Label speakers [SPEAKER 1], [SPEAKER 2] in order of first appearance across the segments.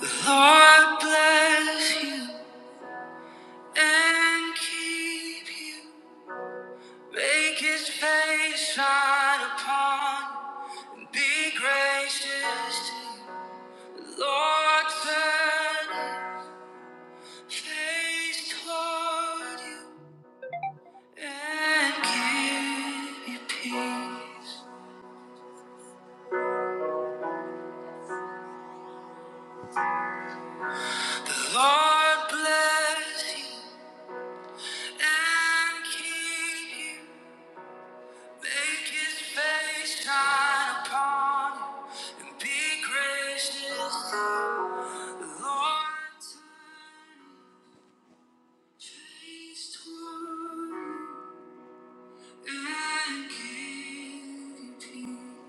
[SPEAKER 1] Lord bless you and keep you. Make his face shine upon you and be gracious to you. Lord turn his face toward you and give you peace. The Lord bless you and keep you. Make his face shine upon you and be gracious. The Lord turn his face toward you and give you peace.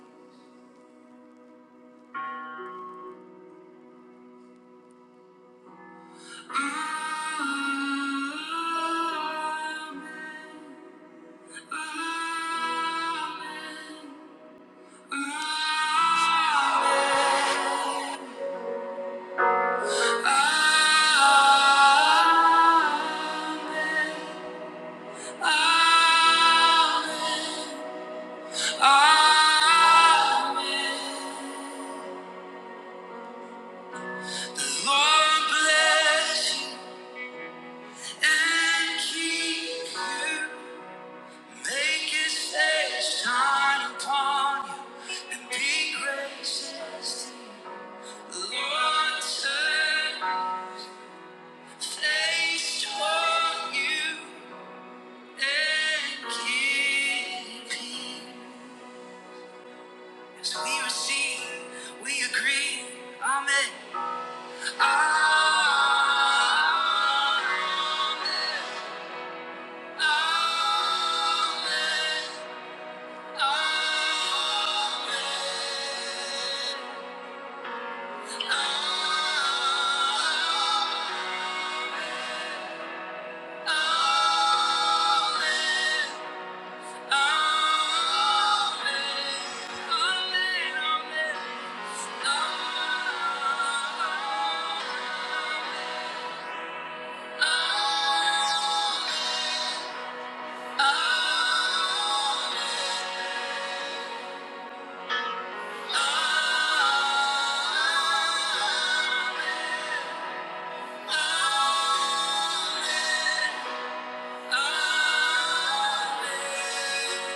[SPEAKER 1] Amen. Amen. Amen. Amen. Amen. Amen. The Lord bless you and keep you. Make his face shine upon you and be gracious to you. The Lord, turn his face toward you and give you peace. As we receive, we agree. Amen. Amen. Amen. Amen.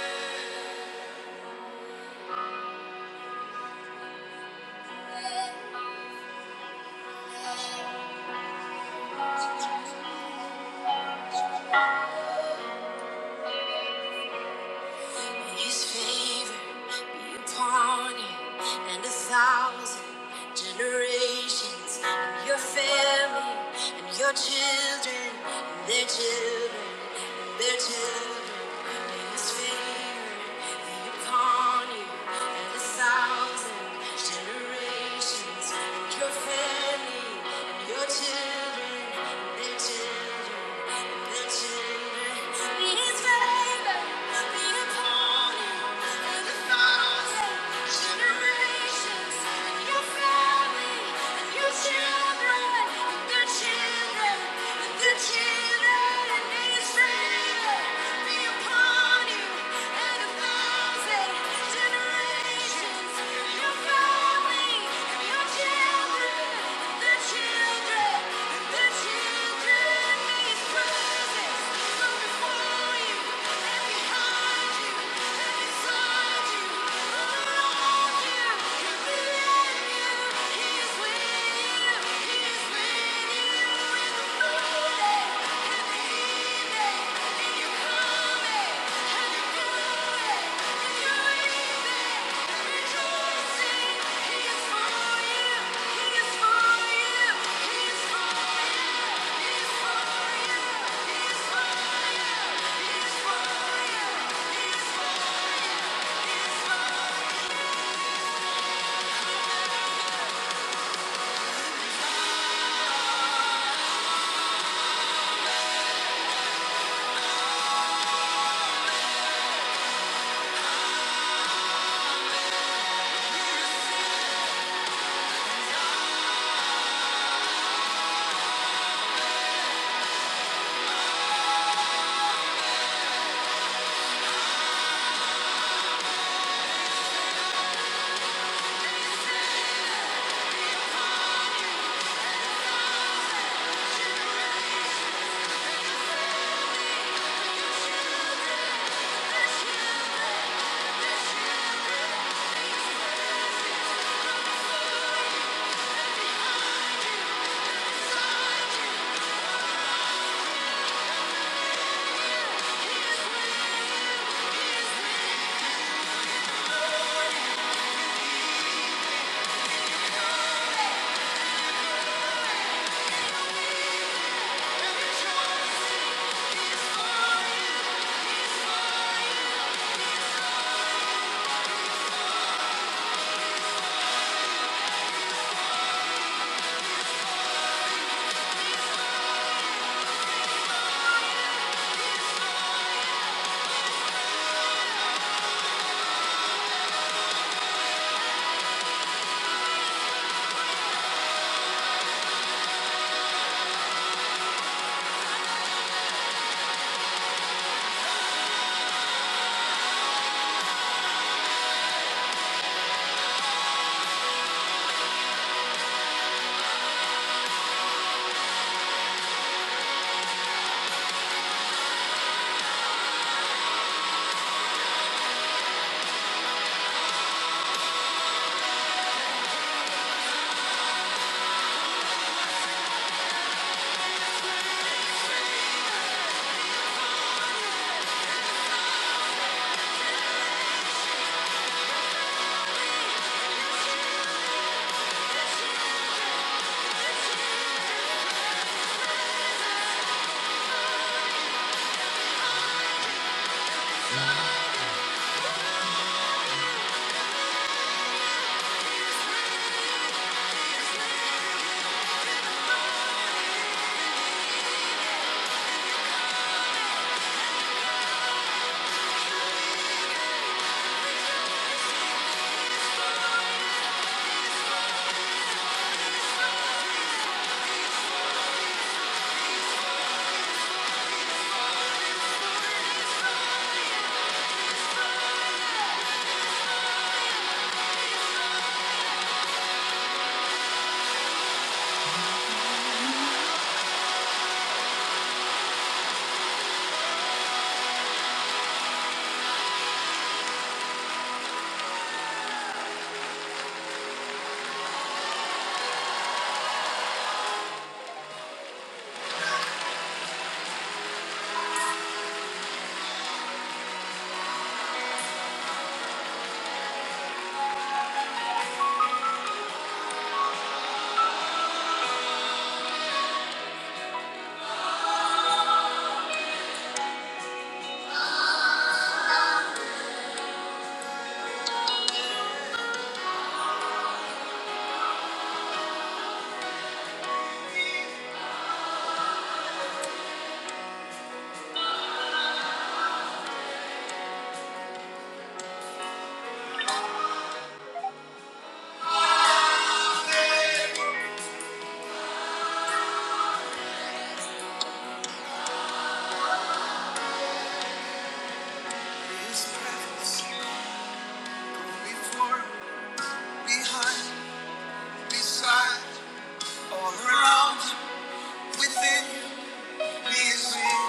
[SPEAKER 1] Amen. May His favor be upon you and a thousand generations, and your family, and your children, and their children, and their children. May His favor be upon you and a thousand generations, and your family, and your children. and their Children, be upon you and a thousand generations. Thank you. the you, he's with you in the morning. His presence before, behind, beside, all around, within, me is in.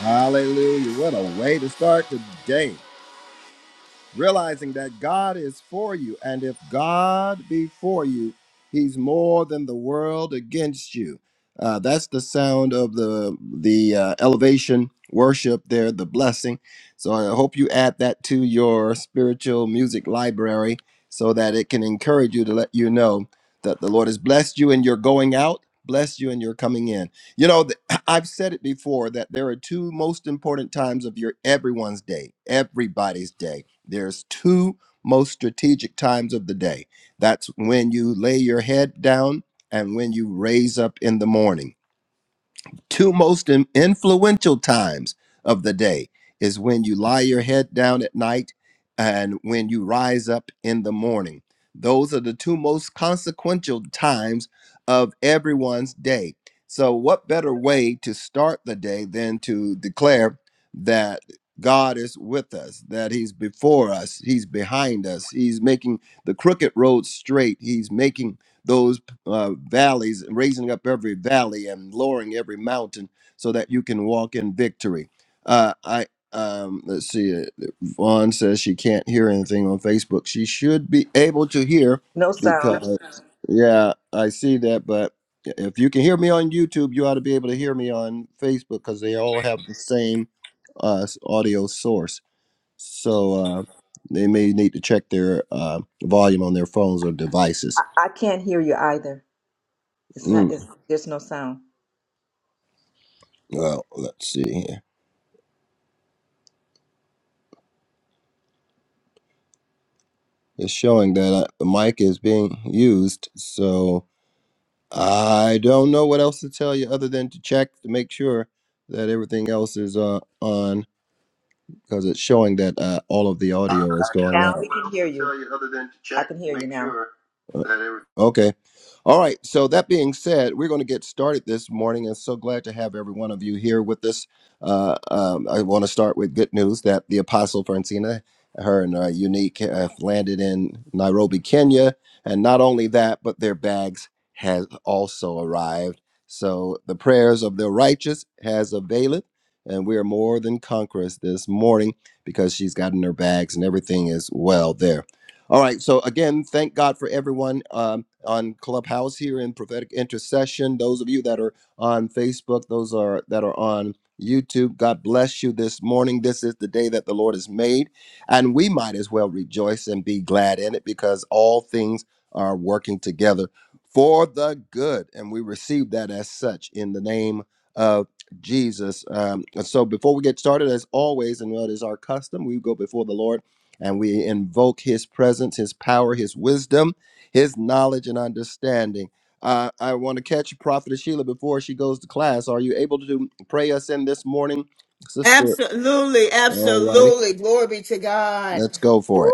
[SPEAKER 1] Hallelujah. What a way to start the day. realizing that God is for you. And if God be for you, he's more than the world against you. Uh, that's the sound of the the uh, elevation worship there, the blessing. So I hope you add that to your spiritual music library so that it can encourage you to let you know that the Lord has blessed you and you're going out, blessed you and you're coming in. You know, th- I've said it before that there are two most important times of your everyone's day, everybody's day there's two most strategic times of the day. That's when you lay your head down and when you raise up in the morning two most in- influential times of the day is when you lie your head down at night and when you rise up in the morning. Those are the two most consequential times of everyone's day. So, what better way to start the day than to declare that God is with us, that He's before us, He's behind us, He's making the crooked road straight, He's making those uh, valleys, raising up every valley and lowering every mountain so that you can walk in victory. Uh, I um, let's see. uh, Vaughn says she can't hear anything on Facebook. She should be able to hear
[SPEAKER 2] No sound.
[SPEAKER 1] because yeah, I see that. But if you can hear me on YouTube, you ought to be able to hear me on Facebook because they all have the same uh, s- audio source. So uh, they may need to check their uh, volume on their phones or devices.
[SPEAKER 2] I, I can't hear you either. It's
[SPEAKER 1] Mm.
[SPEAKER 2] not. It's, there's no sound.
[SPEAKER 1] Well, let's see here. It's showing that uh, the mic is being used, so I don't know what else to tell you other than to check to make sure that everything else is uh, on because it's showing that uh, all of the audio is going
[SPEAKER 2] Now
[SPEAKER 1] out.
[SPEAKER 2] we can hear you. I can hear you now.
[SPEAKER 1] Okay. All right. So that being said, we're going to get started this morning, and so glad to have every one of you here with us. Uh, um, I want to start with good news that the Apostle Francina, her and uh, Unique, have landed in Nairobi, Kenya, and not only that, but their bags has also arrived. So the prayers of the righteous has availed, and we are more than conquerors this morning because she's gotten her bags and everything is well there. All right. So again, thank God for everyone. Um, on Clubhouse here in prophetic intercession. Those of you that are on Facebook, those are that are on YouTube. God bless you this morning. This is the day that the Lord has made, and we might as well rejoice and be glad in it because all things are working together for the good, and we receive that as such in the name of Jesus. Um, and so, before we get started, as always, and what is our custom, we go before the Lord and we invoke His presence, His power, His wisdom his knowledge and understanding. Uh, I want to catch Prophet Sheila before she goes to class. Are you able to pray us in this morning, Sister?
[SPEAKER 3] Absolutely,
[SPEAKER 1] All righty.
[SPEAKER 3] absolutely. Glory be to God.
[SPEAKER 1] Let's go for it.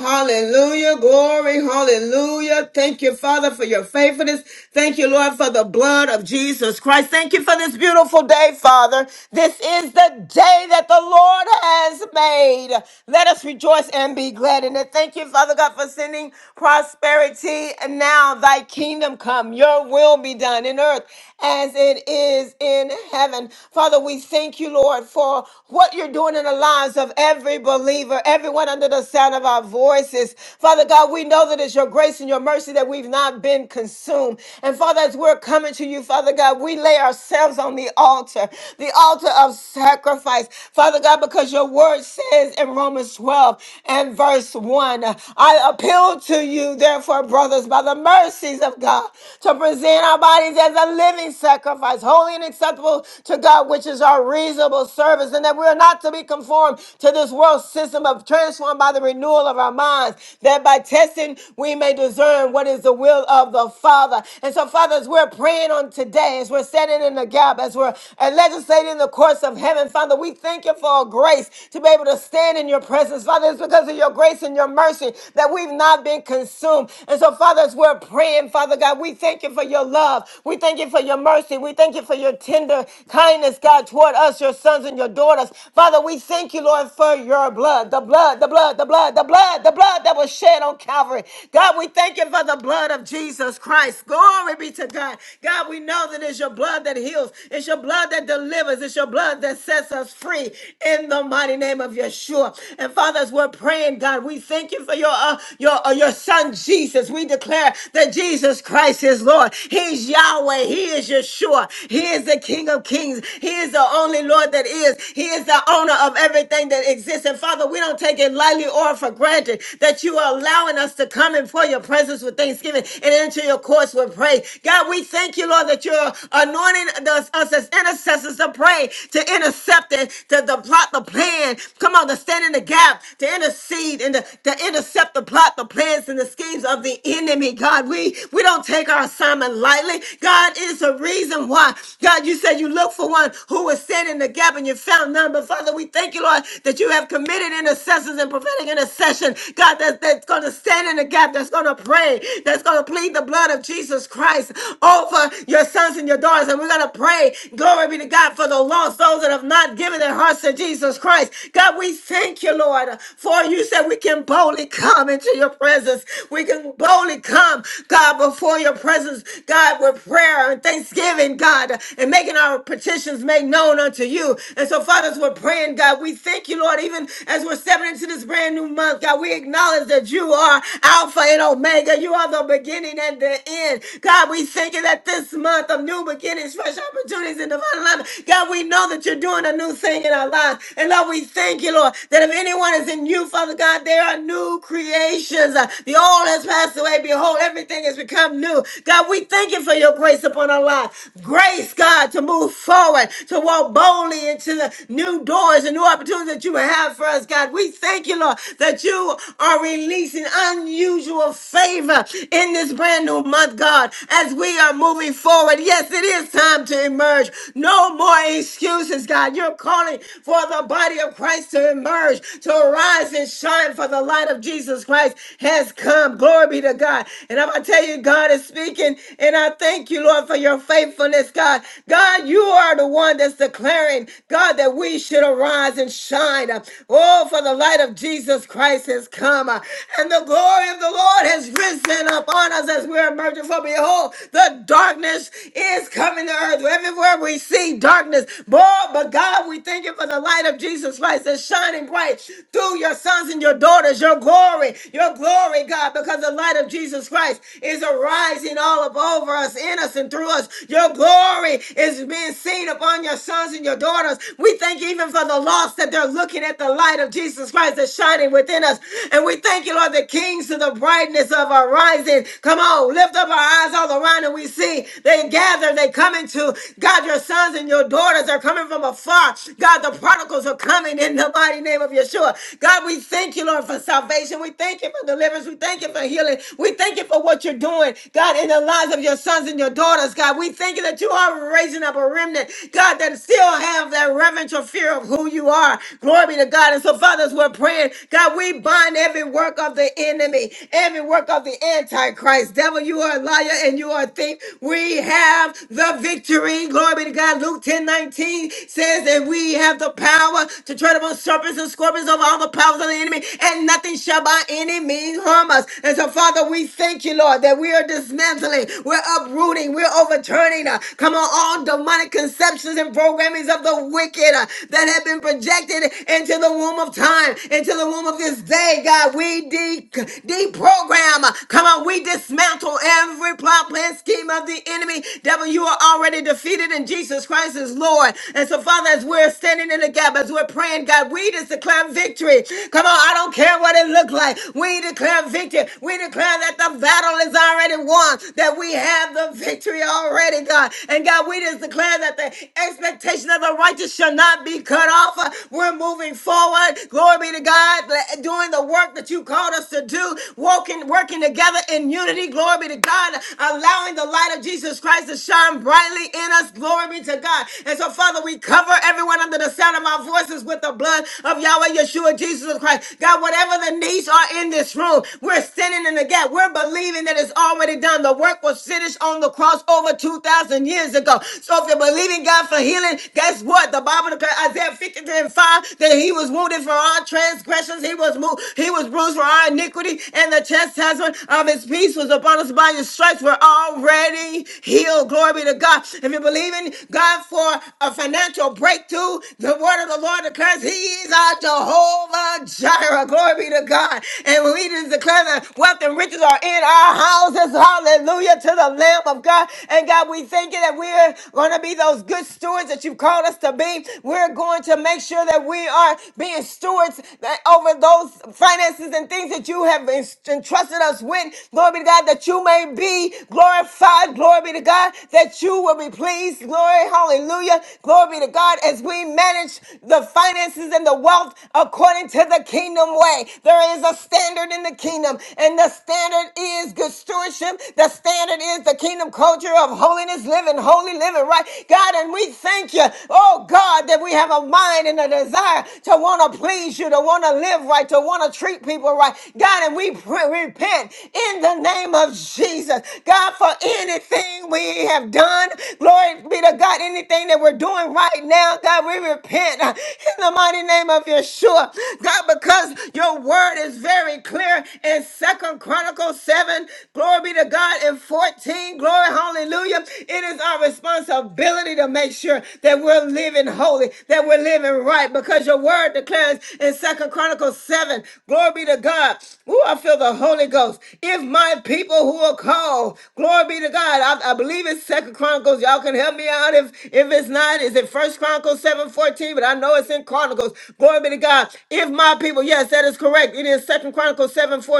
[SPEAKER 3] Hallelujah. Glory. Hallelujah. Thank you, Father, for your faithfulness. Thank you, Lord, for the blood of Jesus Christ. Thank you for this beautiful day, Father. This is the day that the Lord has made. Let us rejoice and be glad in it. Thank you, Father God, for sending prosperity. And now thy kingdom come, your will be done in earth as it is in heaven. Father, we thank you, Lord, for what you're doing in the lives of every believer, everyone everyone under the sound of our voices. Father God, we know that it's your grace and your mercy that we've not been consumed. And Father, as we're coming to you, Father God, we lay ourselves on the altar, the altar of sacrifice. Father God, because your word says in Romans 12 and verse 1, I appeal to you, therefore, brothers, by the mercies of God, to present our bodies as a living sacrifice, holy and acceptable to God, which is our reasonable service, and that we are not to be conformed to this world system of trans transformed by the renewal of our minds, that by testing we may discern what is the will of the Father. And so, Father, as we're praying on today, as we're standing in the gap, as we're uh, legislating the course of heaven, Father, we thank you for a grace to be able to stand in your presence. Father, it's because of your grace and your mercy that we've not been consumed. And so, Father, as we're praying, Father God, we thank you for your love. We thank you for your mercy. We thank you for your tender kindness, God, toward us, your sons and your daughters. Father, we thank you, Lord, for your blood, the blood blood, the blood, the blood, the blood, the blood that was shed on Calvary. God, we thank you for the blood of Jesus Christ. Glory be to God. God, we know that it's your blood that heals, it's your blood that delivers, it's your blood that sets us free in the mighty name of Yeshua. And Father, as we're praying, God, we thank you for your uh, your uh, your son Jesus. We declare that Jesus Christ is Lord. He's Yahweh. He is Yeshua. He is the King of Kings. He is the only Lord that is. He is the owner of everything that exists. And Father, we don't take it lightly or for granted that you are allowing us to come in for your presence with thanksgiving and into your courts with praise. God, we thank you, Lord, that you're anointing us, us as intercessors to pray, to intercept it, to, to plot the plan. Come on, to stand in the gap, to intercede and to, to intercept the plot, the plans, and the schemes of the enemy. God, we, we don't take our assignment lightly. God, it's a reason why. God, you said you look for one who was standing in the gap and you found none. But Father, we thank you, Lord, that you have committed intercession intercessors and prophetic intercession, God, that, that's going to stand in the gap, that's going to pray, that's going to plead the blood of Jesus Christ over your sons and your daughters. And we're going to pray, glory be to God, for the lost, those that have not given their hearts to Jesus Christ. God, we thank you, Lord, for you said we can boldly come into your presence. We can boldly come, God, before your presence, God, with prayer and thanksgiving, God, and making our petitions made known unto you. And so, fathers, we're praying, God, we thank you, Lord, even as we're we're stepping into this brand new month, God, we acknowledge that you are Alpha and Omega. You are the beginning and the end. God, we thank you that this month of new beginnings, fresh opportunities, and divine alignment, God, we know that you're doing a new thing in our lives. And Lord, we thank you, Lord, that if anyone is in you, Father God, they are new creations. Uh, The old has passed away. Behold, everything has become new. God, we thank you for your grace upon our lives. Grace, God, to move forward, to walk boldly into the new doors and new opportunities that you have for us, God. God. We thank you, Lord, that you are releasing unusual favor in this brand new month, God, as we are moving forward. Yes, it is time to emerge. No more excuses, God. You're calling for the body of Christ to emerge, to arise and shine, for the light of Jesus Christ has come. Glory be to God. And I'm going to tell you, God is speaking, and I thank you, Lord, for your faithfulness, God. God, you are the one that's declaring, God, that we should arise and shine. Oh, Oh, for the light of Jesus Christ has come, uh, and the glory of the Lord has risen upon us as we're emerging. For behold, the darkness is coming to earth. Everywhere we see darkness, boy, but God, we thank you for the light of Jesus Christ that's shining bright through your sons and your daughters, your glory, your glory, God, because the light of Jesus Christ is arising all up over us, in us, and through us. Your glory is being seen upon your sons and your daughters. We thank you even for the lost that they're looking at the light light of Jesus Christ is shining within us. And we thank you, Lord, the kings to the brightness of our rising. Come on, lift up our eyes all around and we see they gather, they come into God, your sons and your daughters are coming from afar. God, the prodigals are coming in the mighty name of Yeshua. God, we thank you, Lord, for salvation. We thank you for deliverance. We thank you for healing. We thank you for what you're doing, God, in the lives of your sons and your daughters, God. We thank you that you are raising up a remnant, God, that still have that reverential fear of who you are. Glory be to God. God. And so, Father, as we're praying, God, we bind every work of the enemy, every work of the Antichrist. Devil, you are a liar and you are a thief. We have the victory. Glory be to God. Luke 10 19 says that we have the power to tread upon serpents and scorpions over all the powers of the enemy, and nothing shall by any means harm us. And so, Father, we thank you, Lord, that we are dismantling, we're uprooting, we're overturning. uh, come on, all demonic conceptions and programmings of the wicked uh, that have been projected into the the womb of time, into the womb of this day, God. We de- deprogram. uh, Come on, we dismantle every plot, plan, scheme of the enemy. Devil, you are already defeated in Jesus Christ is Lord. And so, Father, as we're standing in the gap, as we're praying, God, we just declare victory. Come on, I don't care what it looks like. We declare victory. We declare that the battle is already won, that we have the victory already, God. And God, we just declare that the expectation of the righteous shall not be cut off. We're moving forward. Glory be to God, doing the work that you called us to do, working, working together in unity. Glory be to God, allowing the light of Jesus Christ to shine brightly in us. Glory be to God. And so, Father, we cover everyone under the sound of our voices with the blood of Yahweh Yeshua, Jesus Christ. God, whatever the needs are in this room, we're standing in the gap. We're believing that it's already done. The work was finished on the cross over 2,000 years ago. So if you're believing God for healing, guess what? The Bible declares Isaiah 53 and 5 that that he was wounded for our transgressions, he was moved, he was bruised for our iniquity, and the chastisement of his peace was upon us by his stripes. We're already healed. Glory be to God. If you're believing God for a financial breakthrough, the word of the Lord declares he is our Jehovah Jireh. Glory be to God. And we just declare that wealth and riches are in our houses. Hallelujah to the Lamb of God. And God, we thank you that we're going to be those good stewards that you've called us to be. We're going to make sure that we are are being stewards that over those finances and things that you have en- entrusted us with. Glory be to God that you may be glorified. Glory be to God that you will be pleased. Glory, hallelujah. Glory be to God as we manage the finances and the wealth according to the kingdom way. There is a standard in the kingdom, and the standard is good stewardship. The standard is the kingdom culture of holiness living, holy living, right? God, and we thank you, oh God, that we have a mind and a desire God, to want to please you, to want to live right, to want to treat people right. God, and we pray, repent in the name of Jesus. God, for anything we have done, glory be to God, anything that we're doing right now, God, we repent uh, in the mighty name of Yeshua. God, because your word is very clear in Second Chronicles 7, glory be to God, and 14, glory, hallelujah. It is our responsibility to make sure that we're living holy, that we're living right, because your word declares in Second Chronicles 7. Glory be to God. Ooh, I feel the Holy Ghost. If my people who are called, glory be to God. I, I believe it's Second Chronicles. Y'all can help me out if, if it's not. Is it First Chronicles 7 14? But I know it's in Chronicles. Glory be to God. If my people, yes, that is correct. It is Second Chronicles 7 14.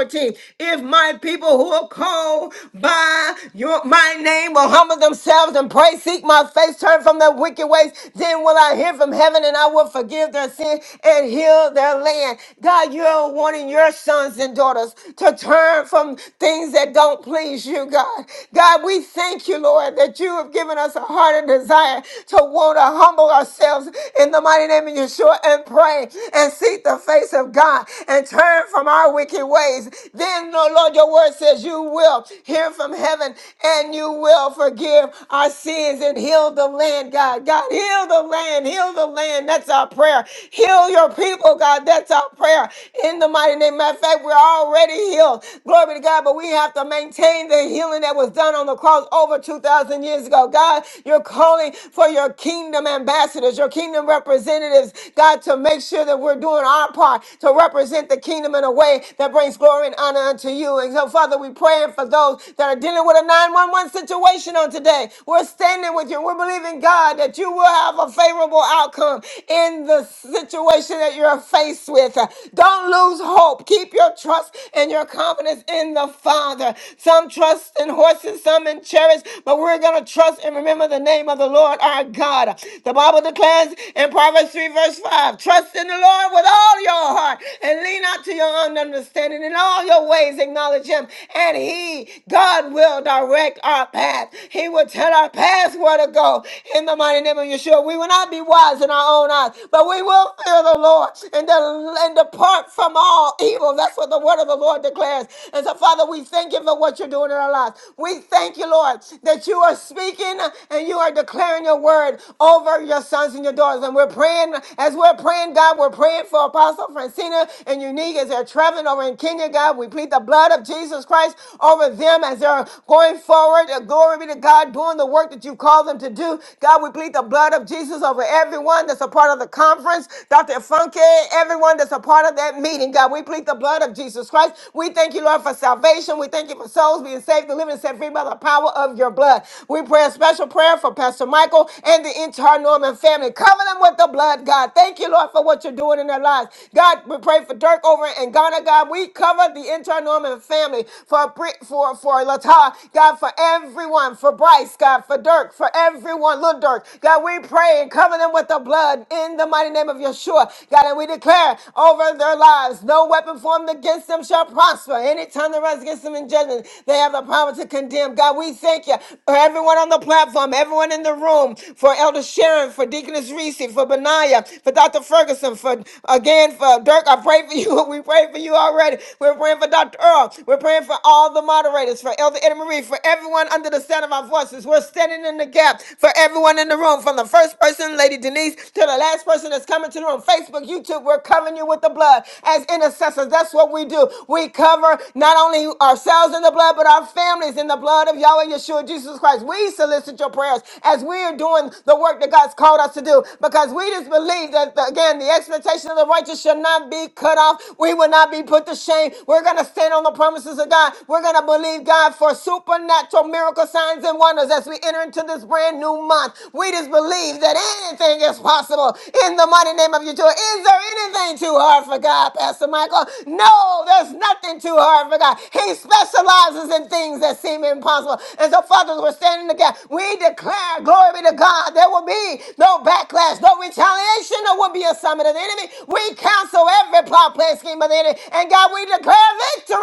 [SPEAKER 3] If my people who are called by your my name will humble themselves and pray, seek my face, turn from their wicked ways, then will I hear from heaven and I will forgive forgive their sin, and heal their land. God, you are wanting your sons and daughters to turn from things that don't please you, God. God, we thank you, Lord, that you have given us a heart and desire to want to humble ourselves in the mighty name of Yeshua and pray and seek the face of God and turn from our wicked ways. Then, oh Lord, your word says you will hear from heaven and you will forgive our sins and heal the land, God. God, heal the land, heal the land. That's our prayer prayer. Heal your people, God. That's our prayer. In the mighty name. Matter of fact, we're already healed. Glory to God. But we have to maintain the healing that was done on the cross over 2,000 years ago. God, you're calling for your kingdom ambassadors, your kingdom representatives, God, to make sure that we're doing our part to represent the kingdom in a way that brings glory and honor unto you. And so, Father, we praying for those that are dealing with a 911 situation on today. We're standing with you. We're believing, God, that you will have a favorable outcome in in the situation that you're faced with. Don't lose hope. Keep your trust and your confidence in the Father. Some trust in horses, some in chariots, but we're going to trust and remember the name of the Lord our God. The Bible declares in Proverbs 3, verse 5 Trust in the Lord with all your heart and lean not to your own understanding. In all your ways, acknowledge Him, and He, God, will direct our path. He will tell our path where to go. In the mighty name of Yeshua, we will not be wise in our own eyes but we will fear the Lord and, de- and depart from all evil. That's what the word of the Lord declares. And so, Father, we thank you for what you're doing in our lives. We thank you, Lord, that you are speaking and you are declaring your word over your sons and your daughters. And we're praying, as we're praying, God, we're praying for Apostle Francina and Unique as they're traveling over in Kenya, God. We plead the blood of Jesus Christ over them as they're going forward. And Glory be to God, doing the work that you called them to do. God, we plead the blood of Jesus over everyone that's a part of the of the conference, Dr. Funke, everyone that's a part of that meeting. God, we plead the blood of Jesus Christ. We thank you, Lord, for salvation. We thank you for souls being saved, delivered, and set free by the power of your blood. We pray a special prayer for Pastor Michael and the entire Norman family. Cover them with the blood, God. Thank you, Lord, for what you're doing in their lives. God, we pray for Dirk over in Ghana, God. We cover the entire Norman family for Bri- for for Latar, God, for everyone, for Bryce, God, for Dirk, for everyone, little Dirk. God, we pray and cover them with the blood in the mighty name of Yeshua. God, and we declare over their lives, no weapon formed against them shall prosper. Any tongue that rises against them in judgment, they have the power to condemn. God, we thank you for everyone on the platform, everyone in the room, for Elder Sharon, for Deaconess Reese, for Benaiah, for Dr. Ferguson, for again, for Dirk. I pray for you. We pray for you already. We're praying for Dr. Earl. We're praying for all the moderators, for Elder Edna Marie, for everyone under the sound of our voices. We're standing in the gap for everyone in the room, from the first person, Lady Denise, to the the last person that's coming to the room, Facebook, YouTube, we're covering you with the blood as intercessors. That's what we do. We cover not only ourselves in the blood, but our families in the blood of Yahweh Yeshua Jesus Christ. We solicit your prayers as we are doing the work that God's called us to do because we just believe that, the- again, the expectation of the righteous shall not be cut off. We will not be put to shame. We're going to stand on the promises of God. We're going to believe God for supernatural miracle signs and wonders as we enter into this brand new month. We just believe that anything is possible impossible in the mighty name of Yeshua. Is there anything too hard for God, Pastor Michael? No, there's nothing too hard for God. He specializes in things that seem impossible. And so, Father, we're standing together. We declare, glory be to God, there will be no backlash, no retaliation, there will be a summit of the enemy. We cancel every plot, plan, scheme of the enemy. And God, we declare victory.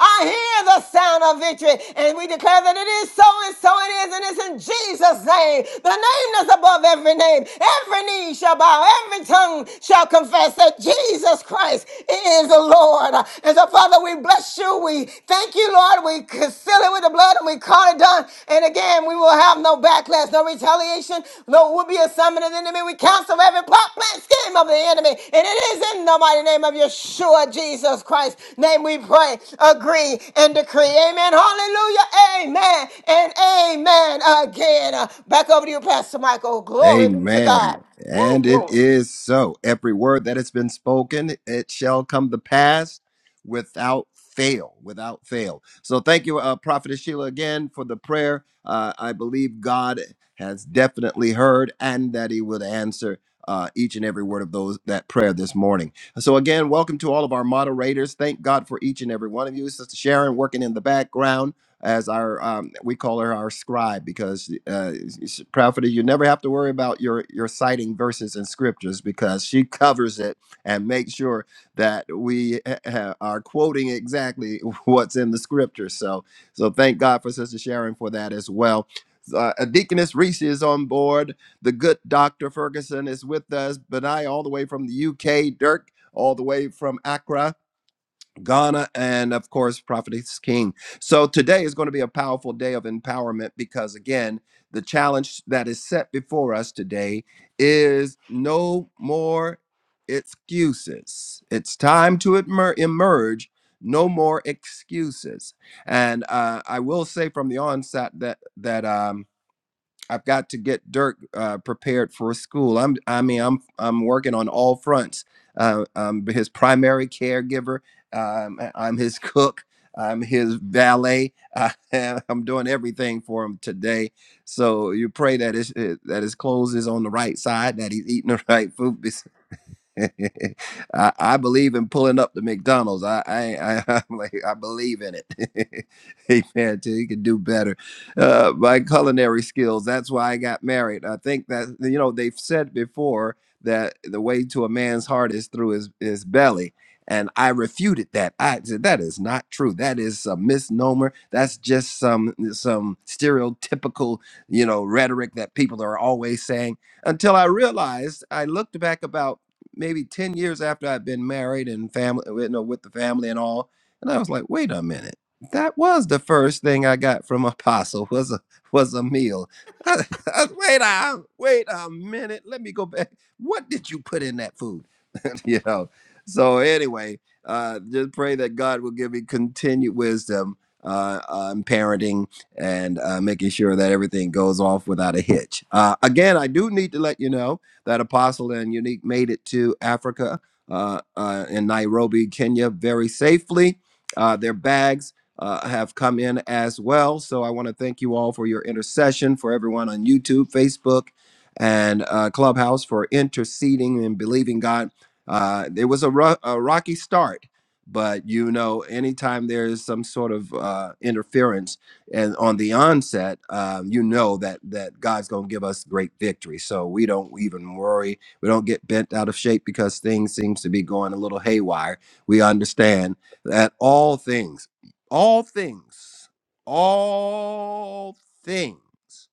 [SPEAKER 3] I hear the sound of victory. And we declare that it is so and so it is. And it's in Jesus' name. The name that's above every name. Every knee knee shall bow, every tongue shall confess that Jesus Christ is the Lord. And so, Father, we bless you. We thank you, Lord. We seal it with the blood and we call it done. And again, we will have no backlash, no retaliation, no will be a summon of the enemy. We cancel every plot, plan, scheme of the enemy. And it is in the mighty name of Yeshua, Jesus Christ. Name we pray, agree, and decree. Amen. Hallelujah. Amen. And amen again. Uh, Back over to you, Pastor Michael. Glory be to
[SPEAKER 1] Amen.
[SPEAKER 3] God. Oh,
[SPEAKER 1] And it
[SPEAKER 3] glory.
[SPEAKER 1] is so. Every word that has been spoken, it shall come to pass without fail, without fail. So thank you, uh, Prophetess Sheila, again for the prayer. Uh, I believe God has definitely heard and that he would answer uh, each and every word of those that prayer this morning. So again, welcome to all of our moderators. Thank God for each and every one of you. Sister Sharon working in the background as our um, we call her our scribe because uh, s- prophet you never have to worry about your your citing verses in scriptures because she covers it and makes sure that we ha- ha- are quoting exactly what's in the scripture so so thank god for sister sharon for that as well uh, uh, Deaconess Reese is on board. The good Dr. Ferguson is with us. Benai, all the way from the UK. Dirk, all the way from Accra. Ghana, and of course, Prophetess King. So today is going to be a powerful day of empowerment because, again, the challenge that is set before us today is no more excuses. It's time to emer- emerge. No more excuses, and uh, I will say from the onset that that um, I've got to get Dirk uh, prepared for school. I'm, I mean, I'm, I'm working on all fronts. Uh, I'm his primary caregiver. Um, I- I'm his cook. I'm his valet. I, I'm doing everything for him today. So you pray that his, eh, that his clothes is on the right side, that he's eating the right food, I, I believe in pulling up the McDonald's. I I, I I'm like I believe in it. Amen. till You can do better. Uh, my culinary skills. That's why I got married. I think that you know they've said before that the way to a man's heart is through his his belly. And I refuted that. I said that is not true. That is a misnomer. That's just some some stereotypical, you know, rhetoric that people are always saying. Until I realized, I looked back about maybe 10 years after I'd been married and family, you know, with the family and all. And I was like, wait a minute. That was the first thing I got from Apostle was a was a meal. I- I- wait a wait a minute. Let me go back. What did you put in that food? you know. So anyway, uh, just pray that God will give you continued wisdom uh, on parenting and uh, making sure that everything goes off without a hitch. Uh, again, I do need to let you know that Apostle and Unique made it to Africa uh, uh, in Nairobi, Kenya, very safely. Uh, their bags uh, have come in as well. So I want to thank you all for your intercession, for everyone on YouTube, Facebook, and uh, Clubhouse for interceding and believing God uh, it was a, ro- a rocky start, but you know, anytime there is some sort of uh, interference and on the onset, um, you know that that God's going to give us great victory. So we don't even worry. We don't get bent out of shape because things seems to be going a little haywire. We understand that all things, all things, all things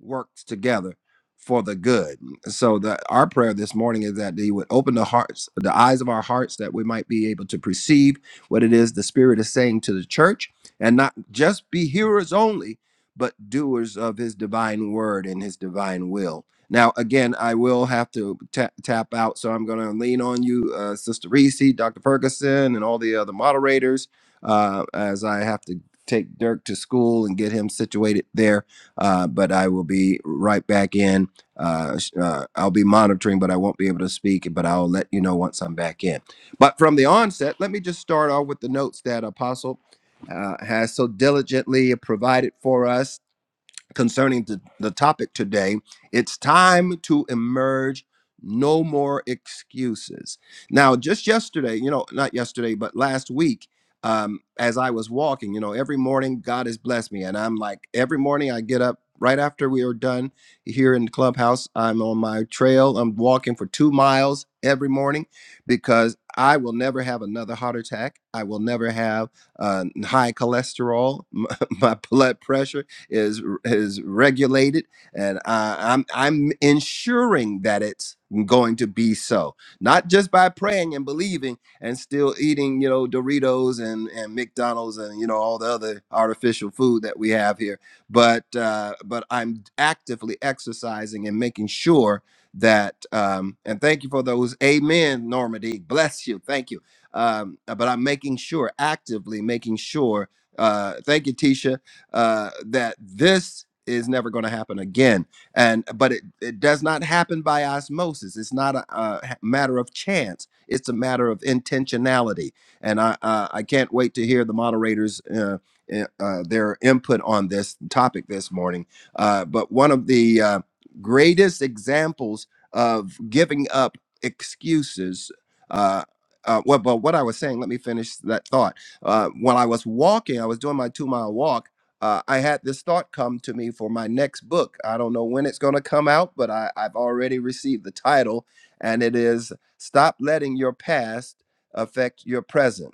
[SPEAKER 1] works together for the good. So the our prayer this morning is that they would open the hearts, the eyes of our hearts, that we might be able to perceive what it is the Spirit is saying to the church, and not just be hearers only, but doers of His divine word and His divine will. Now, again, I will have to ta- tap out, so I'm going to lean on you, uh, Sister Reese, Dr. Ferguson, and all the other moderators, uh, as I have to take Dirk to school and get him situated there uh, but I will be right back in uh, uh, I'll be monitoring, but I won't be able to speak. But I'll let you know once I'm back in. But from the onset, let me just start off with the notes that Apostle uh, has so diligently provided for us concerning the, the topic today. It's time to emerge. No more excuses. Now, just yesterday, you know, not yesterday, but last week, um, as I was walking, you know, every morning God has blessed me. And I'm like, every morning I get up right after we are done here in the clubhouse. I'm on my trail. I'm walking for two miles every morning because I will never have another heart attack. I will never have uh, high cholesterol, my blood pressure is is regulated, and uh, I'm I'm ensuring that it's going to be so. Not just by praying and believing and still eating, you know, Doritos and and McDonald's and you know all the other artificial food that we have here, but uh, but I'm actively exercising and making sure that um and thank you for those amen normandy bless you thank you um but i'm making sure actively making sure uh thank you tisha uh, that this is never going to happen again. And but it, it does not happen by osmosis. It's not a, a ha- matter of chance. It's a matter of intentionality. And I uh, I can't wait to hear the moderators. Uh, i- uh, their input on this topic this morning. Uh, but one of the uh, greatest examples of giving up excuses. Uh, uh, well, but what I was saying, let me finish that thought. Uh, when I was walking, I was doing my two mile walk uh, I had this thought come to me for my next book. I don't know when it's going to come out, but I, I've already received the title, and it is Stop Letting Your Past Affect Your Present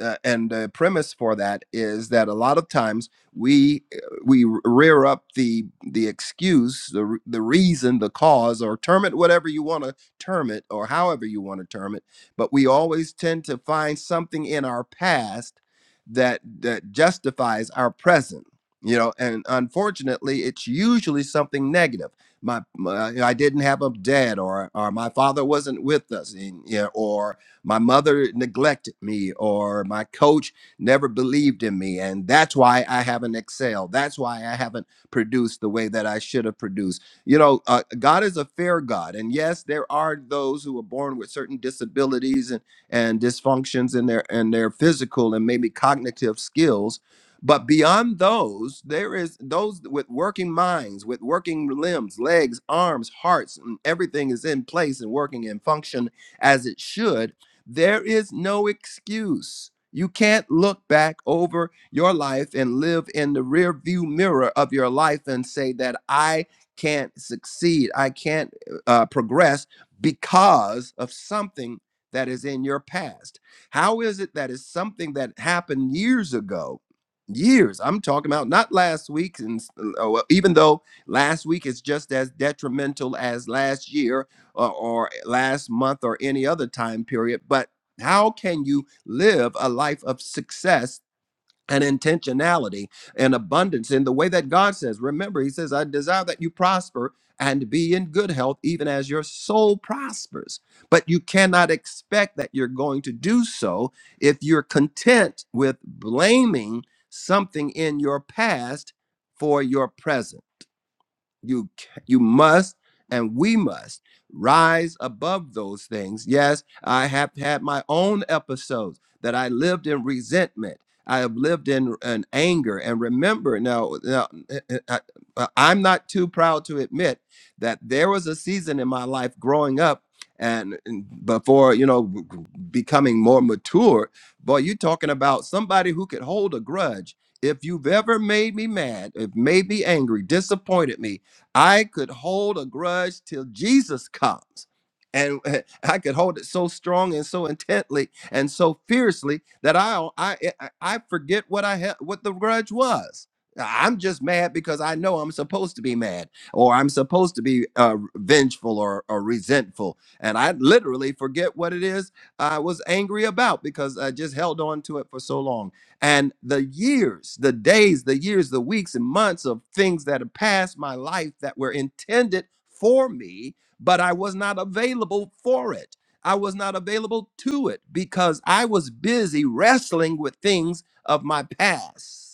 [SPEAKER 1] uh, and the premise for that is that a lot of times we uh, we rear up the the excuse the r- the reason the cause or term it whatever you want to term it or however you want to term it but we always tend to find something in our past that that justifies our present you know and unfortunately it's usually something negative my, my i didn't have a dad or or my father wasn't with us and, yeah, or my mother neglected me or my coach never believed in me and that's why i haven't excelled that's why i haven't produced the way that i should have produced you know uh, god is a fair god and yes there are those who are born with certain disabilities and, and dysfunctions in their in their physical and maybe cognitive skills but beyond those there is those with working minds with working limbs legs arms hearts and everything is in place and working and function as it should there is no excuse. You can't look back over your life and live in the rear view mirror of your life and say that I can't succeed, I can't uh, uh, progress because of something that is in your past. How is it that is something that happened years ago? Years, I'm talking about not last week, and s- uh, well, even though last week is just as detrimental as last year, or, or last month or any other time period. But how can you live a life of success and intentionality and abundance in the way that God says? Remember, He says, I desire that you prosper and be in good health, even as your soul prospers. But you cannot expect that you're going to do so if you're content with blaming something in your past for your present. You ca- you must and we must rise above those things. Yes, I have had my own episodes that I lived in resentment. I have lived in, in anger. And remember, now, now I, I- uh, I'm not too proud to admit that there was a season in my life growing up and and before, you know, g- g- becoming more mature. Boy, you're talking about somebody who could hold a grudge. If you've ever made me mad, if made me angry, disappointed me, I could hold a grudge till Jesus comes. And uh, I could hold it so strong and so intently and so fiercely that I I eh, I I forget what I ha- what the grudge was. I'm just mad because I know I'm supposed to be mad, or I'm supposed to be uh, vengeful or, or resentful, and I literally forget what it is I was angry about because I just held on to it for so long. And the years, the days, the years, the weeks, and months of things that have passed my life that were intended for me, but I was not available for it. I was not available to it because I was busy wrestling with things of my past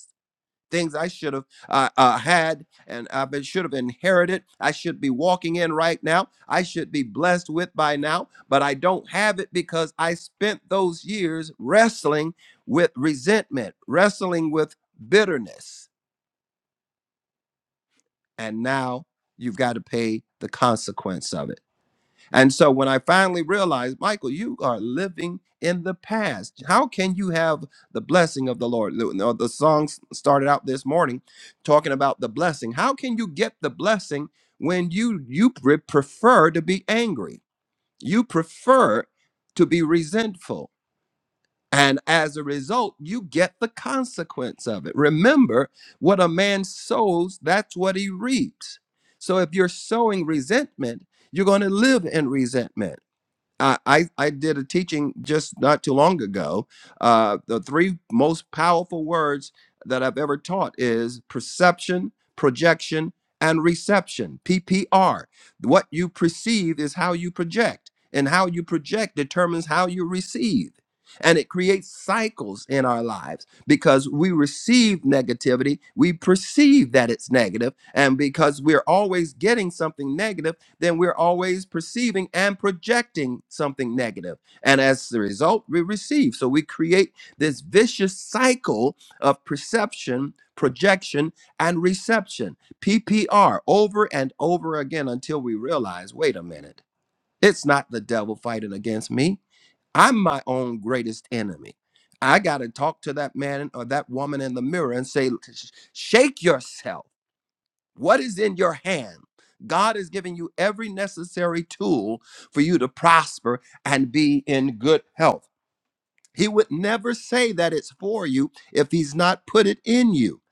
[SPEAKER 1] things I should have uh, uh, had and I been- should have inherited. I should be walking in right now. I should be blessed with by now, but I don't have it because I spent those years wrestling with resentment, wrestling with bitterness, and now you've got to pay the consequence of it. And so when I finally realized, Michael, you are living in the past. How can you have the blessing of the Lord? The no, the song s- started out this morning talking about the blessing. How can you get the blessing when you you pre- prefer to be angry? You prefer to be resentful. And as a result, you get the consequence of it. Remember, what a man sows, that's what he reaps. So if you're sowing resentment, you're going to live in resentment. I, I I did a teaching just not too long ago. Uh, the three most powerful words that I've ever taught is perception, projection, and reception. PPR. What you perceive is how you project, and how you project determines how you receive. And it creates cycles in our lives because we receive negativity, we perceive that it's negative, and because we're always getting something negative then we're always perceiving and projecting something negative. And as the result, we receive. So we create this vicious cycle of perception, projection, and reception, PPR, over and over again until we realize wait a minute, it's not the devil fighting against me. I'm my own greatest enemy. I got to talk to that man or that woman in the mirror and say, "Sh- shake yourself. What is in your hand? God is giving you every necessary tool for you to prosper and be in good health. He would never say that it's for you if He's not put it in you.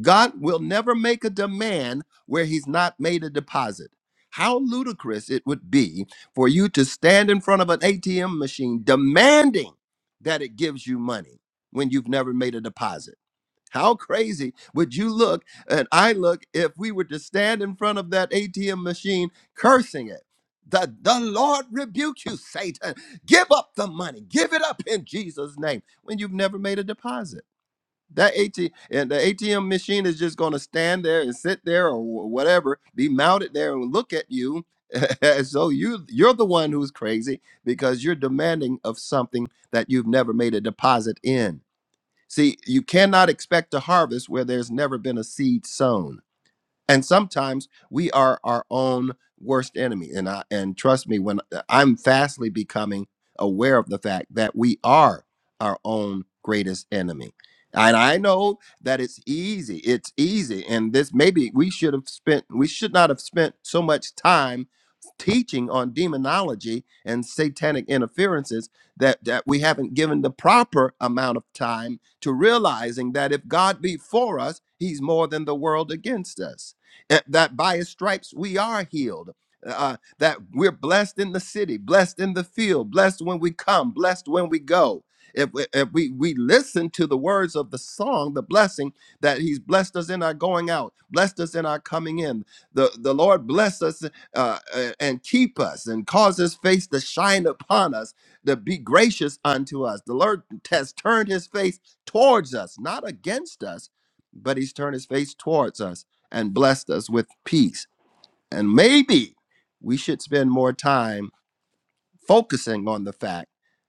[SPEAKER 1] God will never make a demand where He's not made a deposit. How ludicrous it would be for you to stand in front of an ATM machine demanding that it gives you money when you've never made a deposit. How crazy would you look and I look if we were to stand in front of that ATM machine cursing it? The, the Lord rebuke you, Satan. Give up the money. Give it up in Jesus' name when you've never made a deposit. That ATM and the ATM machine is just going to stand there and sit there or wh- whatever, be mounted there and look at you. as though you you're the one who's crazy because you're demanding of something that you've never made a deposit in. See, you cannot expect to harvest where there's never been a seed sown and sometimes we are our own worst enemy and I, and trust me when uh, i'm fastly becoming aware of the fact that we are our own greatest enemy and i know that it's easy it's easy and this maybe we should have spent we should not have spent so much time teaching on demonology and satanic interferences that that we haven't given the proper amount of time to realizing that if god be for us he's more than the world against us that that by his stripes we are healed. Uh, uh, that we're blessed in the city, blessed in the field, blessed when we come, blessed when we go. If we, if we we listen to the words of the song, the blessing that He's blessed us in our going out, blessed us in our coming in. The the Lord bless us uh, uh, and keep us, and cause His face to shine upon us, to be gracious unto us. The Lord has turned His face towards us, not against us but he's turned his face towards us and blessed us with peace. And maybe we should spend more time focusing on the fact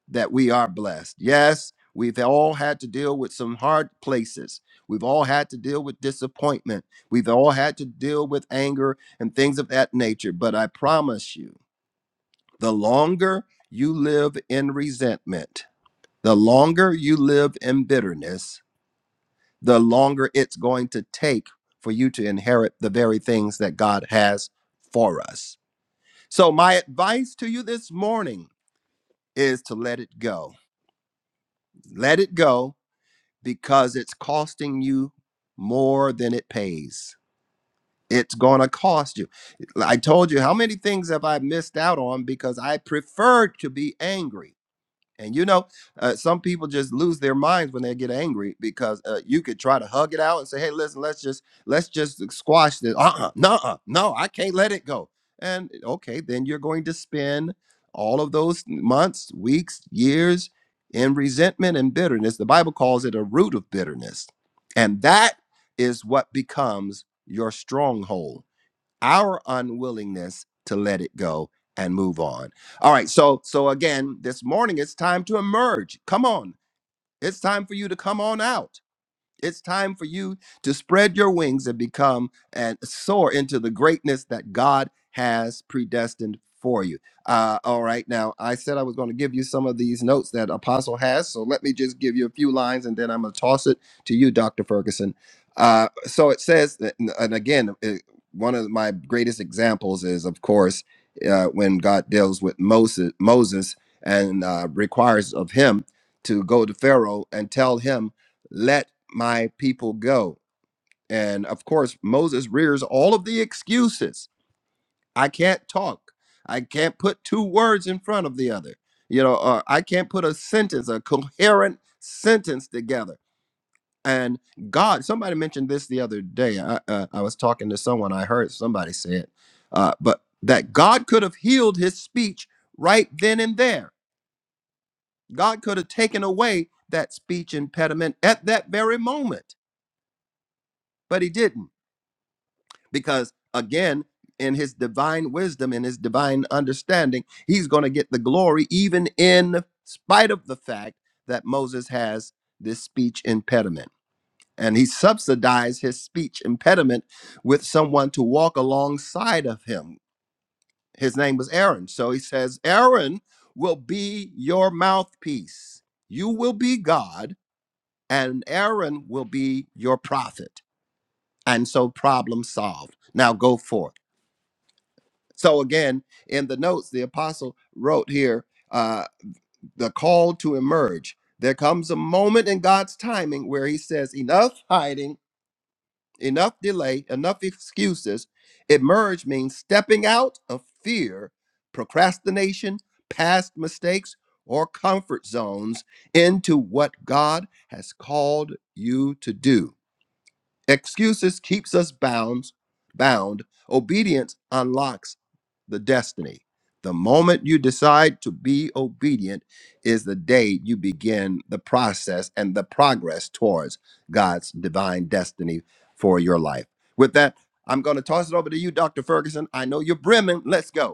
[SPEAKER 1] that we are blessed. Yes, we've all had to deal with some hard places. We've all had to deal with disappointment. We've all had to deal with anger and things of that nature. But I promise you, the longer you live in resentment, the longer you live in bitterness, the longer it's going to take for you to inherit the very things that God has for us. So, my advice to you this morning is to let it go. Let it go because it's costing you more than it pays. It's going to cost you. I told you how many things have I missed out on because I preferred to be angry And you know, uh, some people just lose their minds when they get angry because uh, you could try to hug it out and say, "Hey, listen, let's just let's just squash this." Uh-uh, no, no, I can't let it go. And okay, then you're going to spend all of those months, weeks, years in resentment and bitterness. The Bible calls it a root of bitterness, and that is what becomes your stronghold our unwillingness to let it go and move on. All right, so so again, this morning it's time to emerge. Come on. It's time for you to come on out. It's time for you to spread your wings and become and soar into the greatness that God has predestined for you. Uh, all right, now I said I was going to give you some of these notes that Apostle has, so let me just give you a few lines and then I'm going to toss it to you, Dr. Ferguson. Uh, so it says, that, and again, it- one of my greatest examples is, of course, uh, when God deals with Moses, Moses and uh, requires of him to go to Pharaoh and tell him, let my people go. And of course, Moses rears all of the excuses. I can't talk. I can't put two words in front of the other. You know, or I can't put a sentence, a coherent sentence together. And God, somebody mentioned this the other day. I, uh, I was talking to someone, I heard somebody say it, uh, but that God could have healed his speech right then and there. God could have taken away that speech impediment at that very moment, but he didn't because again in his divine wisdom in his divine understanding he's going to get the glory even in spite of the fact that moses has this speech impediment and he subsidized his speech impediment with someone to walk alongside of him his name was aaron so he says aaron will be your mouthpiece you will be god and aaron will be your prophet and so problem solved now go forth So again, in the notes, the apostle wrote here uh, the call to emerge. There comes a moment in God's timing where he says, enough hiding, enough delay, enough excuses. Emerge means stepping out of fear, procrastination, past mistakes, or comfort zones into what God has called you to do. Excuses keeps us bound, bound. Obedience unlocks the destiny. The moment you decide to be obedient is the day you begin the process and the progress towards God's divine destiny for your life. With that, I'm going to toss it over to you, Dr. Ferguson. I know you're brimming. Let's go.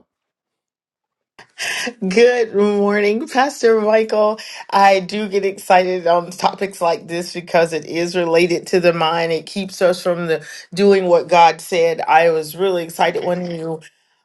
[SPEAKER 4] Good morning, Pastor Michael. I do get excited on topics like this because it is related to the mind. It keeps us from the doing what God said. I was really excited when you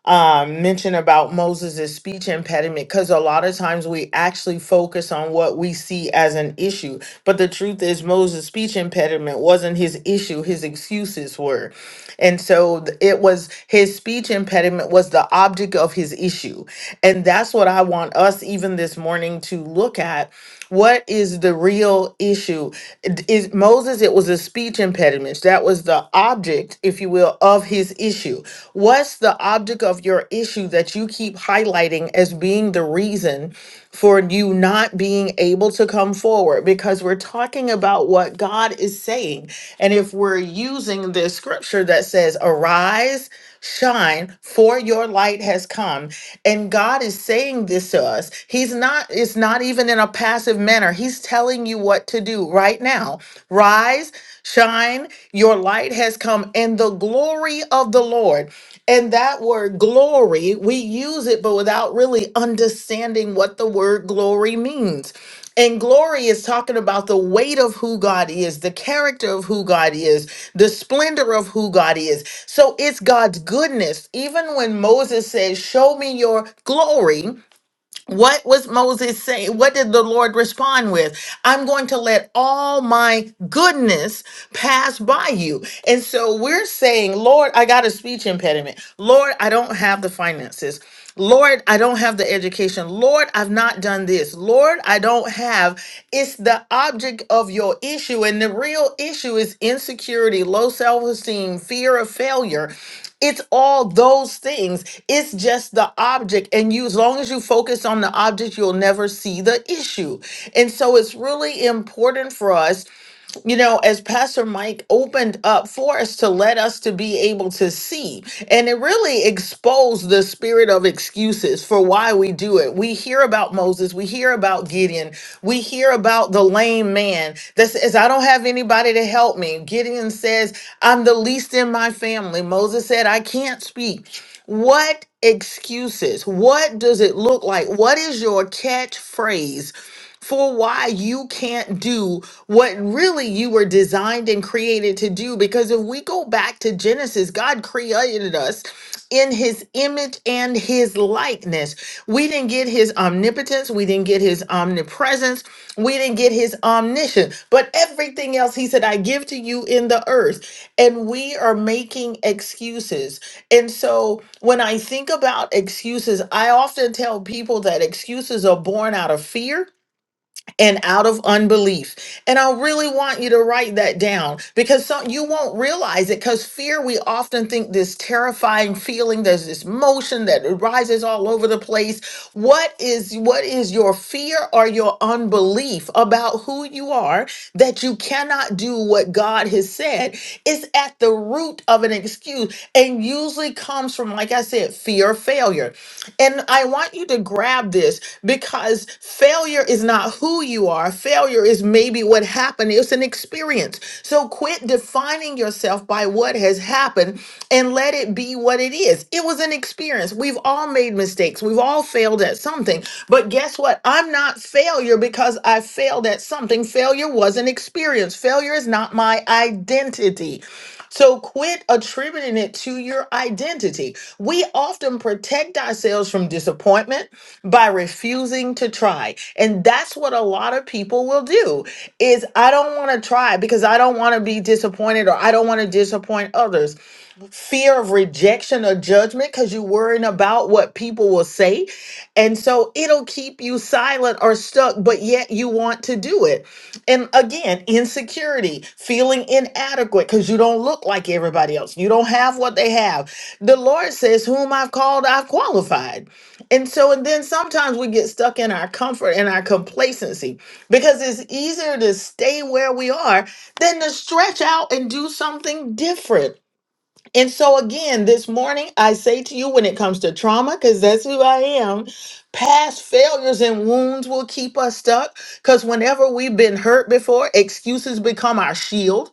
[SPEAKER 4] um, mention about Moses' speech impediment because a lot of times we actually focus on what we see as an issue. But the truth is, Moses' speech impediment wasn't his issue, his excuses were. And so th- it was his speech impediment was the object of his issue. And that's what I want us, even this morning, to look at what is the real issue? D- Is Moses, it was a speech impediment. That was the object, if you will, of his issue. What's the object of your issue that you keep highlighting as being the reason for you not being able to come forward? Because we're talking about what God is saying. And if we're using this scripture that says, arise, shine for your light has come and god is saying this to us he's not it's not even in a passive manner he's telling you what to do right now rise shine your light has come and the glory of the lord and that word glory we use it but without really understanding what the word glory means and glory is talking about the weight of who God is, the character of who God is, the splendor of who God is. So it's God's goodness. Even when Moses said, Show me your glory, what was Moses saying? What did the Lord respond with? I'm going to let all my goodness pass by you. And so we're saying, Lord, I got a speech impediment. Lord, I don't have the finances. Lord, I don't have the education. Lord, I've not done this. Lord, I don't have. It's the object of your issue. And the real issue is insecurity, low self esteem, fear of failure. It's all those things. It's just the object. And you, as long as you focus on the object, you'll never see the issue. And so it's really important for us you know, as Pastor Mike opened up for us to let us to be able to see. And it really exposed the spirit of excuses for why we do it. We hear about Moses, we hear about Gideon, we hear about the lame man that says, I don't have anybody to help me. Gideon says, I'm the least in my family. Moses said, I can't speak. What excuses? What does it look like? What is your catchphrase? for why you can't do what really you were designed and created to do. Because if we go back to Genesis, God created us in his image and his likeness. We didn't get his omnipotence, we didn't get his omnipresence, we didn't get his omniscience, but everything else he said, I give to you in the earth. And we are making excuses. And so when I think about excuses, I often tell people that excuses are born out of fear and out of unbelief. And I really want you to write that down because some, you won't realize it because fear, we often think this terrifying feeling, there's this motion that rises all over the place. What is what is your fear or your unbelief about who you are that you cannot do what God has said is at the root of an excuse and usually comes from, like I said, fear of failure. And I want you to grab this because failure is not who you are. Failure is maybe what happened, it's an experience. So quit defining yourself by what has happened and let it be what it is. It was an experience. We've all made mistakes, we've all failed at something. But guess what? I'm not failure because I failed at something. Failure was an experience, failure is not my identity. So quit attributing it to your identity. We often protect ourselves from disappointment by refusing to try. And that's what a lot of people will do is I don't want to try because I don't want to be disappointed or I don't want to disappoint others fear of rejection or judgment because you're worrying about what people will say. And so it'll keep you silent or stuck, but yet you want to do it. And again, insecurity, feeling inadequate because you don't look like everybody else, you don't have what they have. The Lord says, Whom I've called, I've qualified. And so, and then sometimes we get stuck in our comfort and our complacency because it's easier to stay where we are than to stretch out and do something different. And so, again, this morning, I say to you when it comes to trauma, because that's who I am, past failures and wounds will keep us stuck. Because whenever we've been hurt before, excuses become our shield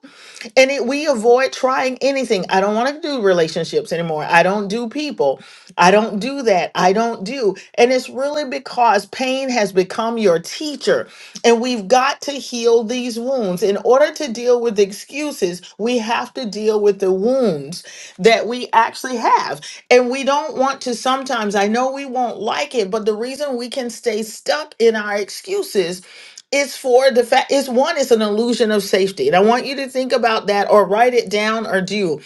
[SPEAKER 4] and it, we avoid trying anything. I don't want to do relationships anymore. I don't do people. I don't do that. I don't do. And it's really because pain has become your teacher. And we've got to heal these wounds. In order to deal with excuses, we have to deal with the wounds that we actually have. And we don't want to sometimes, I know we won't like it, but the reason we can stay stuck in our excuses it's for the fact, it's one, it's an illusion of safety. And I want you to think about that or write it down or do.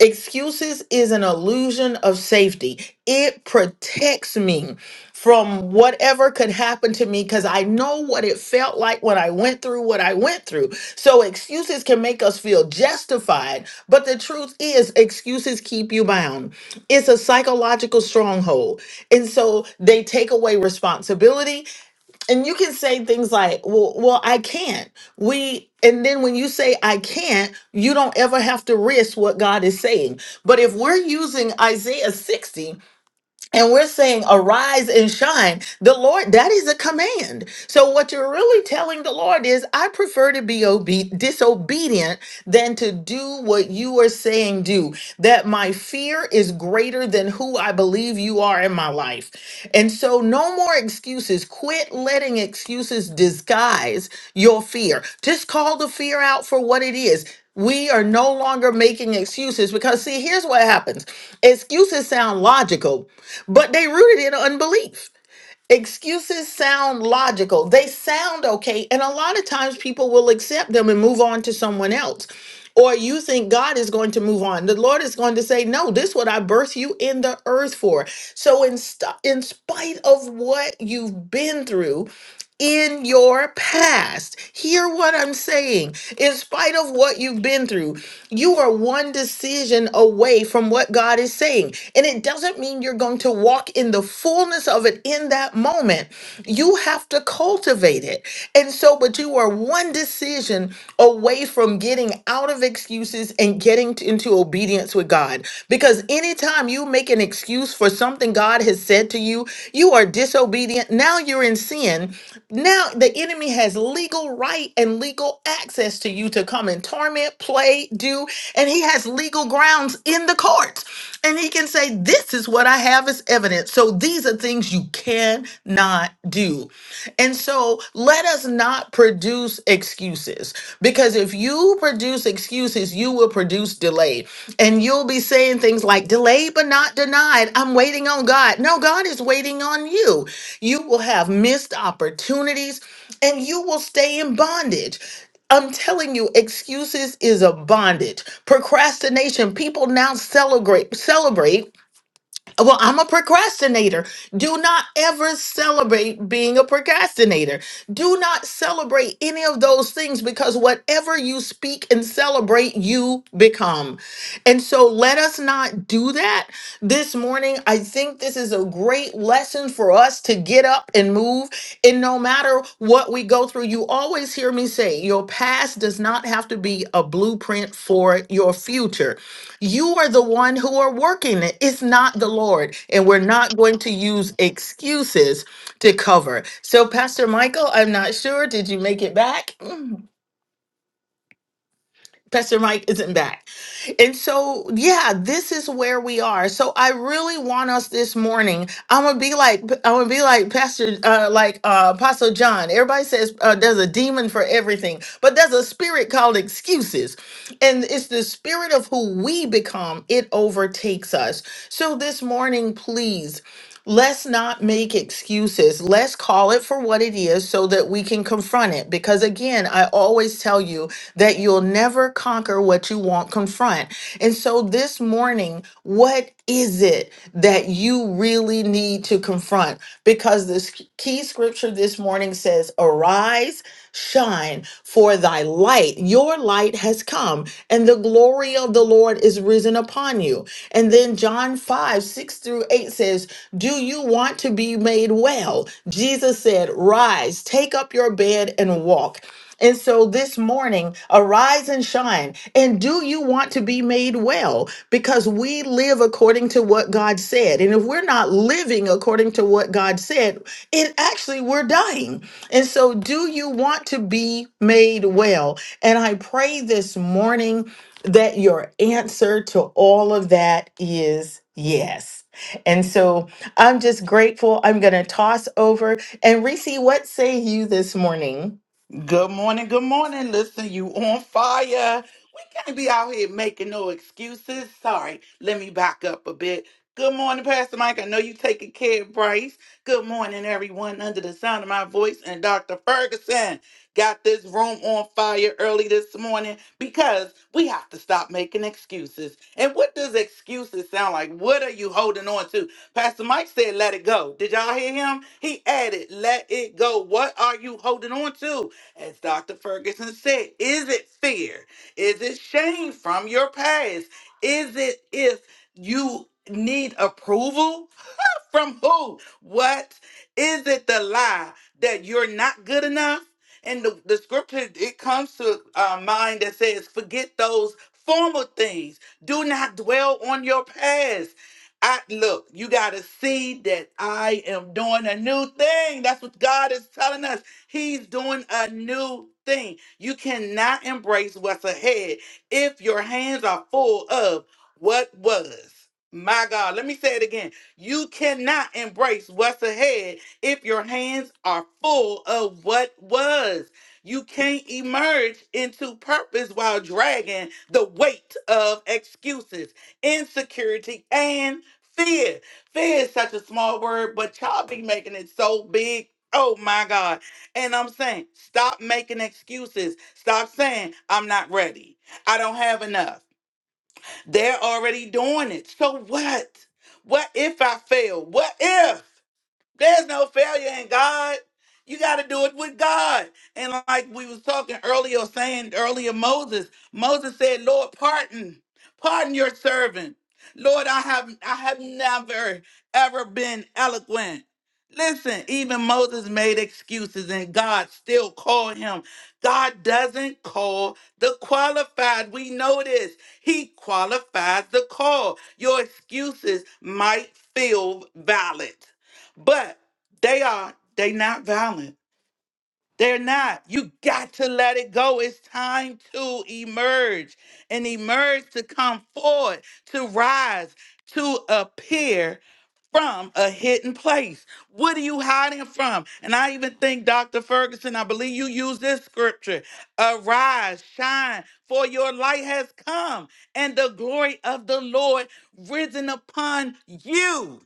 [SPEAKER 4] Excuses is an illusion of safety, it protects me from whatever could happen to me because I know what it felt like when I went through what I went through. So excuses can make us feel justified, but the truth is, excuses keep you bound. It's a psychological stronghold. And so they take away responsibility, and you can say things like well well i can't we and then when you say i can't you don't ever have to risk what god is saying but if we're using isaiah 60 and we're saying, arise and shine. The Lord, that is a command. So, what you're really telling the Lord is, I prefer to be obe- disobedient than to do what you are saying do. That my fear is greater than who I believe you are in my life. And so, no more excuses. Quit letting excuses disguise your fear. Just call the fear out for what it is. We are no longer making excuses because, see, here's what happens excuses sound logical, but they rooted in unbelief. Excuses sound logical, they sound okay, and a lot of times people will accept them and move on to someone else. Or you think God is going to move on. The Lord is going to say, No, this is what I birthed you in the earth for. So, in, st- in spite of what you've been through, in your past. Hear what I'm saying. In spite of what you've been through, you are one decision away from what God is saying. And it doesn't mean you're going to walk in the fullness of it in that moment. You have to cultivate it. And so, but you are one decision away from getting out of excuses and getting t- into obedience with God. Because anytime you make an excuse for something God has said to you, you are disobedient. Now you're in sin. Now the enemy has legal right and legal access to you to come and torment, play, do, and he has legal grounds in the courts. And he can say, This is what I have as evidence. So these are things you cannot do. And so let us not cannot produce excuses because if you produce excuses, you will produce delay. And you'll be saying things like, delayed but not denied. I'm waiting on God. No, God is waiting on you. You will have missed opportunities and you will stay in bondage. I'm telling you, excuses is a bondage. Procrastination, people now celebrate, celebrate well, I'm a procrastinator. Do not ever celebrate being a procrastinator. Do not celebrate any of those things because whatever you speak and celebrate, you become. And so let us not do that this morning. I think this is a great great lesson for us to get up and move. And no matter what we go through, you always hear me say your past does not have to be a blueprint for your future. You are the one who are working it. It's not the Lord. And we're not going to use excuses to cover. So, Pastor Michael, I'm not sure. Did you make it back? Pastor Mike isn't back. And so, yeah, this is where we are. So I really want us this morning. I'm gonna be like, I'm gonna be like Pastor, uh, like uh, Apostle John. Everybody says uh, there's a demon for everything, but there's a spirit called excuses, and it's the spirit of who we become. It overtakes us. So this morning, please. Let's not make excuses. Let's call it for what it is so that we can confront it. Because again, I always tell you that you'll never conquer what you won't confront. And so this morning, what is it that you really need to confront? Because this key scripture this morning says, Arise shine, for thy light, your light has come, and the glory of the Lord is risen upon you. And then John 5, 6 through 8 says, Do you want to be made well? Jesus said, Rise, take up your bed and walk. And so this morning, arise and shine. And do you want to be made well? Because we live according to what God said. And if we're not living according to what God said, it actually we're dying. And so do you want to be made well? And I pray this morning that your answer to all of that is yes. And so I'm just grateful. I'm going to toss over and Reese, what say you this morning?
[SPEAKER 5] Good morning, good morning. Listen, you on fire. We can't be out here making no excuses. Sorry, let me back up a bit. Good morning, Pastor Mike. I know you taking care of Bryce. Good morning, everyone under the sound of my voice. And Dr. Ferguson got this room on fire early this morning because we have to stop making excuses. And what does excuses sound like? What are you holding on to? Pastor Mike said, let it go. Did y'all hear him? He added, let it go. What are you holding on to? As Dr. Ferguson said, is it fear? Is it shame from your past? Is it if you need approval? From who? What? Is it the lie that you're not good enough? And the, the scripture, it comes to uh, mind that says, forget those former things. Do not dwell on your past. I look, you gotta see that I am doing a new thing. That's what God is telling us. He's doing a new thing. You cannot embrace what's ahead if your hands are full of what was. My God, let me say it again. You cannot embrace what's ahead if your hands are full of what was. You can't emerge into purpose while dragging the weight of excuses, insecurity, and fear. Fear is such a small word, but y'all be making it so big. Oh my God. And I'm saying, stop making excuses. Stop saying, I'm not ready. I don't have enough. They're already doing it. So what? What if I fail? What if? There's no failure in God. You got to do it with God. And like we was talking earlier, or saying earlier, Moses, Moses said, "Lord, pardon, pardon your servant. Lord, I have, I have never ever been eloquent." Listen, even Moses made excuses, and God still called him. God doesn't call the qualified. We know this. He qualifies the call. Your excuses might feel valid but they are, they not violent. They're not. You got to let it go. It's time to emerge and emerge to come forward, to rise, to appear from a hidden place. What are you hiding from? And I even think, Dr. Ferguson, I believe you used this scripture Arise, shine, for your light has come, and the glory of the Lord risen upon you.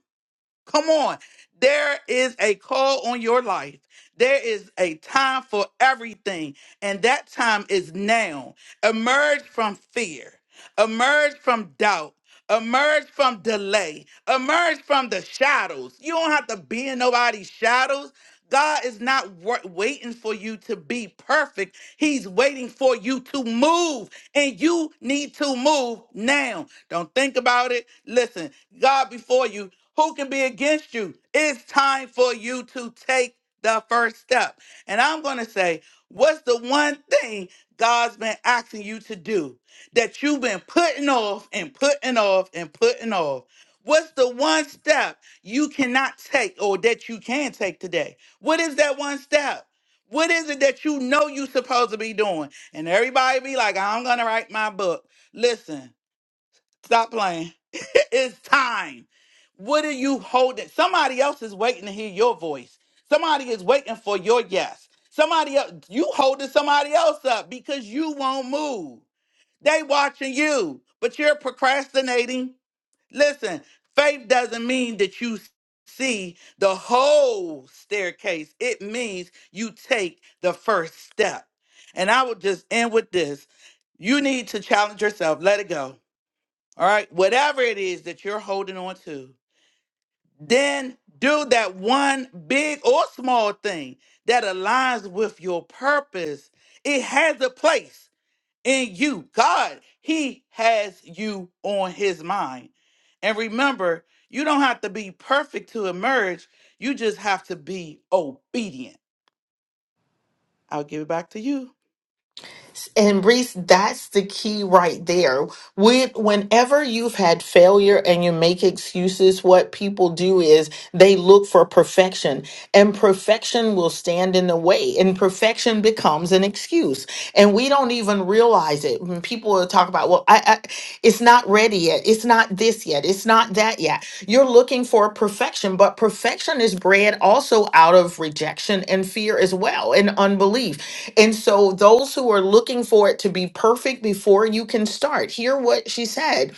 [SPEAKER 5] Come on. There is a call on your life. There is a time for everything, and that time is now. Emerge from fear. Emerge from doubt. Emerge from delay. Emerge from the shadows. You don't have to be in nobody's shadows. God is not wa- waiting for you to be perfect. He's waiting for you to move, and you need to move now. Don't think about it. Listen, God before you, who can be against you? It's time for you to take the first step. And I'm going to say, what's the one thing God's been asking you to do? that you've been putting off and putting off and putting off? What's the one step you cannot take or that you can take today? What is that one step? What is it that you know you're supposed to be doing? And everybody be like, I'm going to write my book. Listen, stop playing. it's time. What are you holding? Somebody else is waiting to hear your voice. Somebody is waiting for your yes. Somebody else, you holding somebody else up because you won't move. They watching you, but you're procrastinating. Listen, faith doesn't mean that you see the whole staircase. It means you take the first step. And I will just end with this. You need to challenge yourself. Let it go. All right? Whatever it is that you're holding on to, then do that one big or small thing that aligns with your purpose. It has a place in you. God, He has you on His mind. And remember, you don't have to be perfect to emerge, you just have to be obedient. I'll give it back to you.
[SPEAKER 4] And Reese, that's the key right there. With whenever you've had failure and you make excuses, what people do is they look for perfection and perfection will stand in the way and perfection becomes an excuse and we don't even realize it when people will talk about well I, I it's not ready yet it's not this yet it's not that yet you're looking for perfection but perfection is bred also out of rejection and fear as well and unbelief and so those who are looking for it to be perfect before you can start hear what she said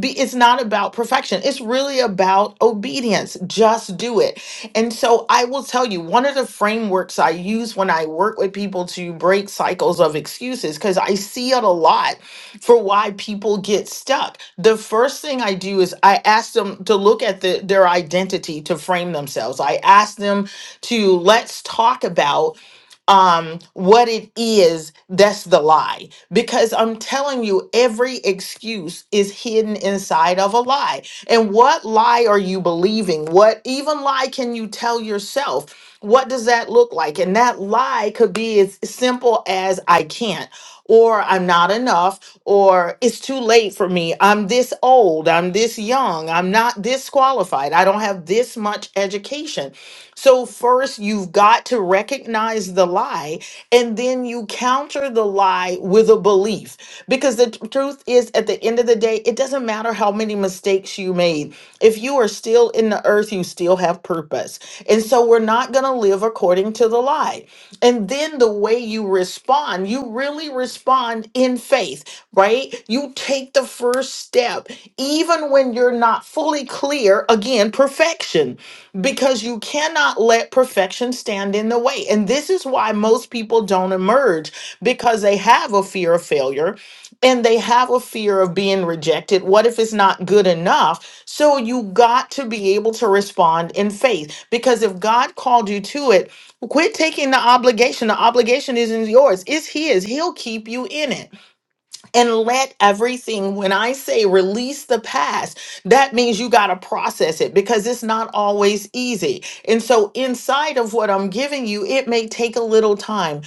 [SPEAKER 4] be, it's not about perfection. It's really about obedience. Just do it. And so I will tell you one of the frameworks I use when I work with people to break cycles of excuses, because I see it a lot for why people get stuck. The first thing I do is I ask them to look at the, their identity to frame themselves. I ask them to let's talk about um, what it is that's the lie. Because I'm telling you, every excuse is hidden inside of a lie. And what lie are you believing? What even lie can you tell yourself? What does that look like? And that lie could be as simple as I can't. Or I'm not enough, or it's too late for me. I'm this old, I'm this young, I'm not this qualified, I don't have this much education so, first, you've got to recognize the lie, and then you counter the lie with a belief. Because the t- truth is, at the end of the day, it doesn't matter how many mistakes you made. If you are still in the earth, you still have purpose. And so we're not going to live according to the lie. And then the way you respond, you really respond in faith, right? You take the first step, even when you're not fully clear, again, perfection, because you cannot let perfection stand in the way. And this is why most people don't emerge because they have a fear of failure and they have a fear of being rejected. What if it's not good enough? So you got to be able to respond in faith because if God called you to it, quit taking the obligation. The obligation isn't yours, it's His. He'll keep you in it and let everything, when I say release the past, that means you got to process it because it's not always easy. And so, inside of what I'm giving you, it may take a little time.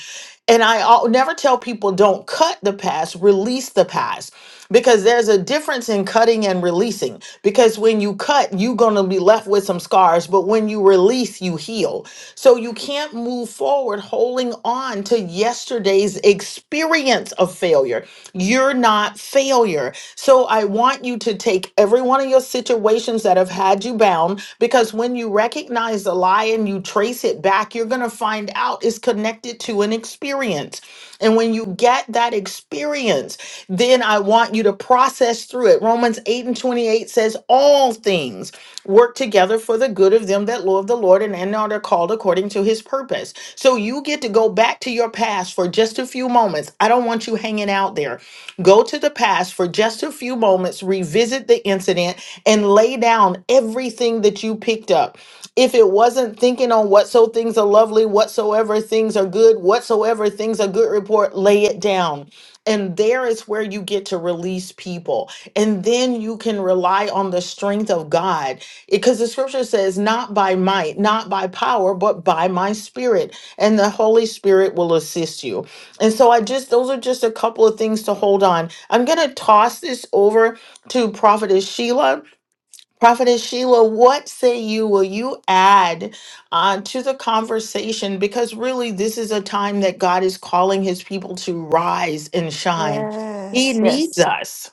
[SPEAKER 4] And I al- never tell people don't cut the past, release the past because there's a difference in cutting and releasing. Because when you cut, you're going to be left with some scars, but when you release, you heal. So you can't move forward holding on to yesterday's experience of failure. You're not failure. So I want you to take every one of your situations that have had you bound because when you recognize the lie and you trace it back, you're going to find out it's connected to an experience. And when you get that experience, then I want you to process through it. Romans 8 and 28 says, All things work together for the good of them that love the Lord and and are called according to his purpose. So you get to go back to your past for just a few moments. I don't want you hanging out there. Go to the past for just a few moments, revisit the incident, and lay down everything that you picked up. If it wasn't thinking on whatso things are lovely, whatsoever things are good, whatsoever things are good report, lay it down. And there is where you get to release people. And then you can rely on the strength of God because the scripture says not by might not by power but by my spirit and the holy spirit will assist you and so i just those are just a couple of things to hold on i'm going to toss this over to prophetess sheila prophetess sheila what say you will you add uh, to the conversation because really this is a time that god is calling his people to rise and shine he
[SPEAKER 3] Yes,
[SPEAKER 4] needs
[SPEAKER 3] yes.
[SPEAKER 4] us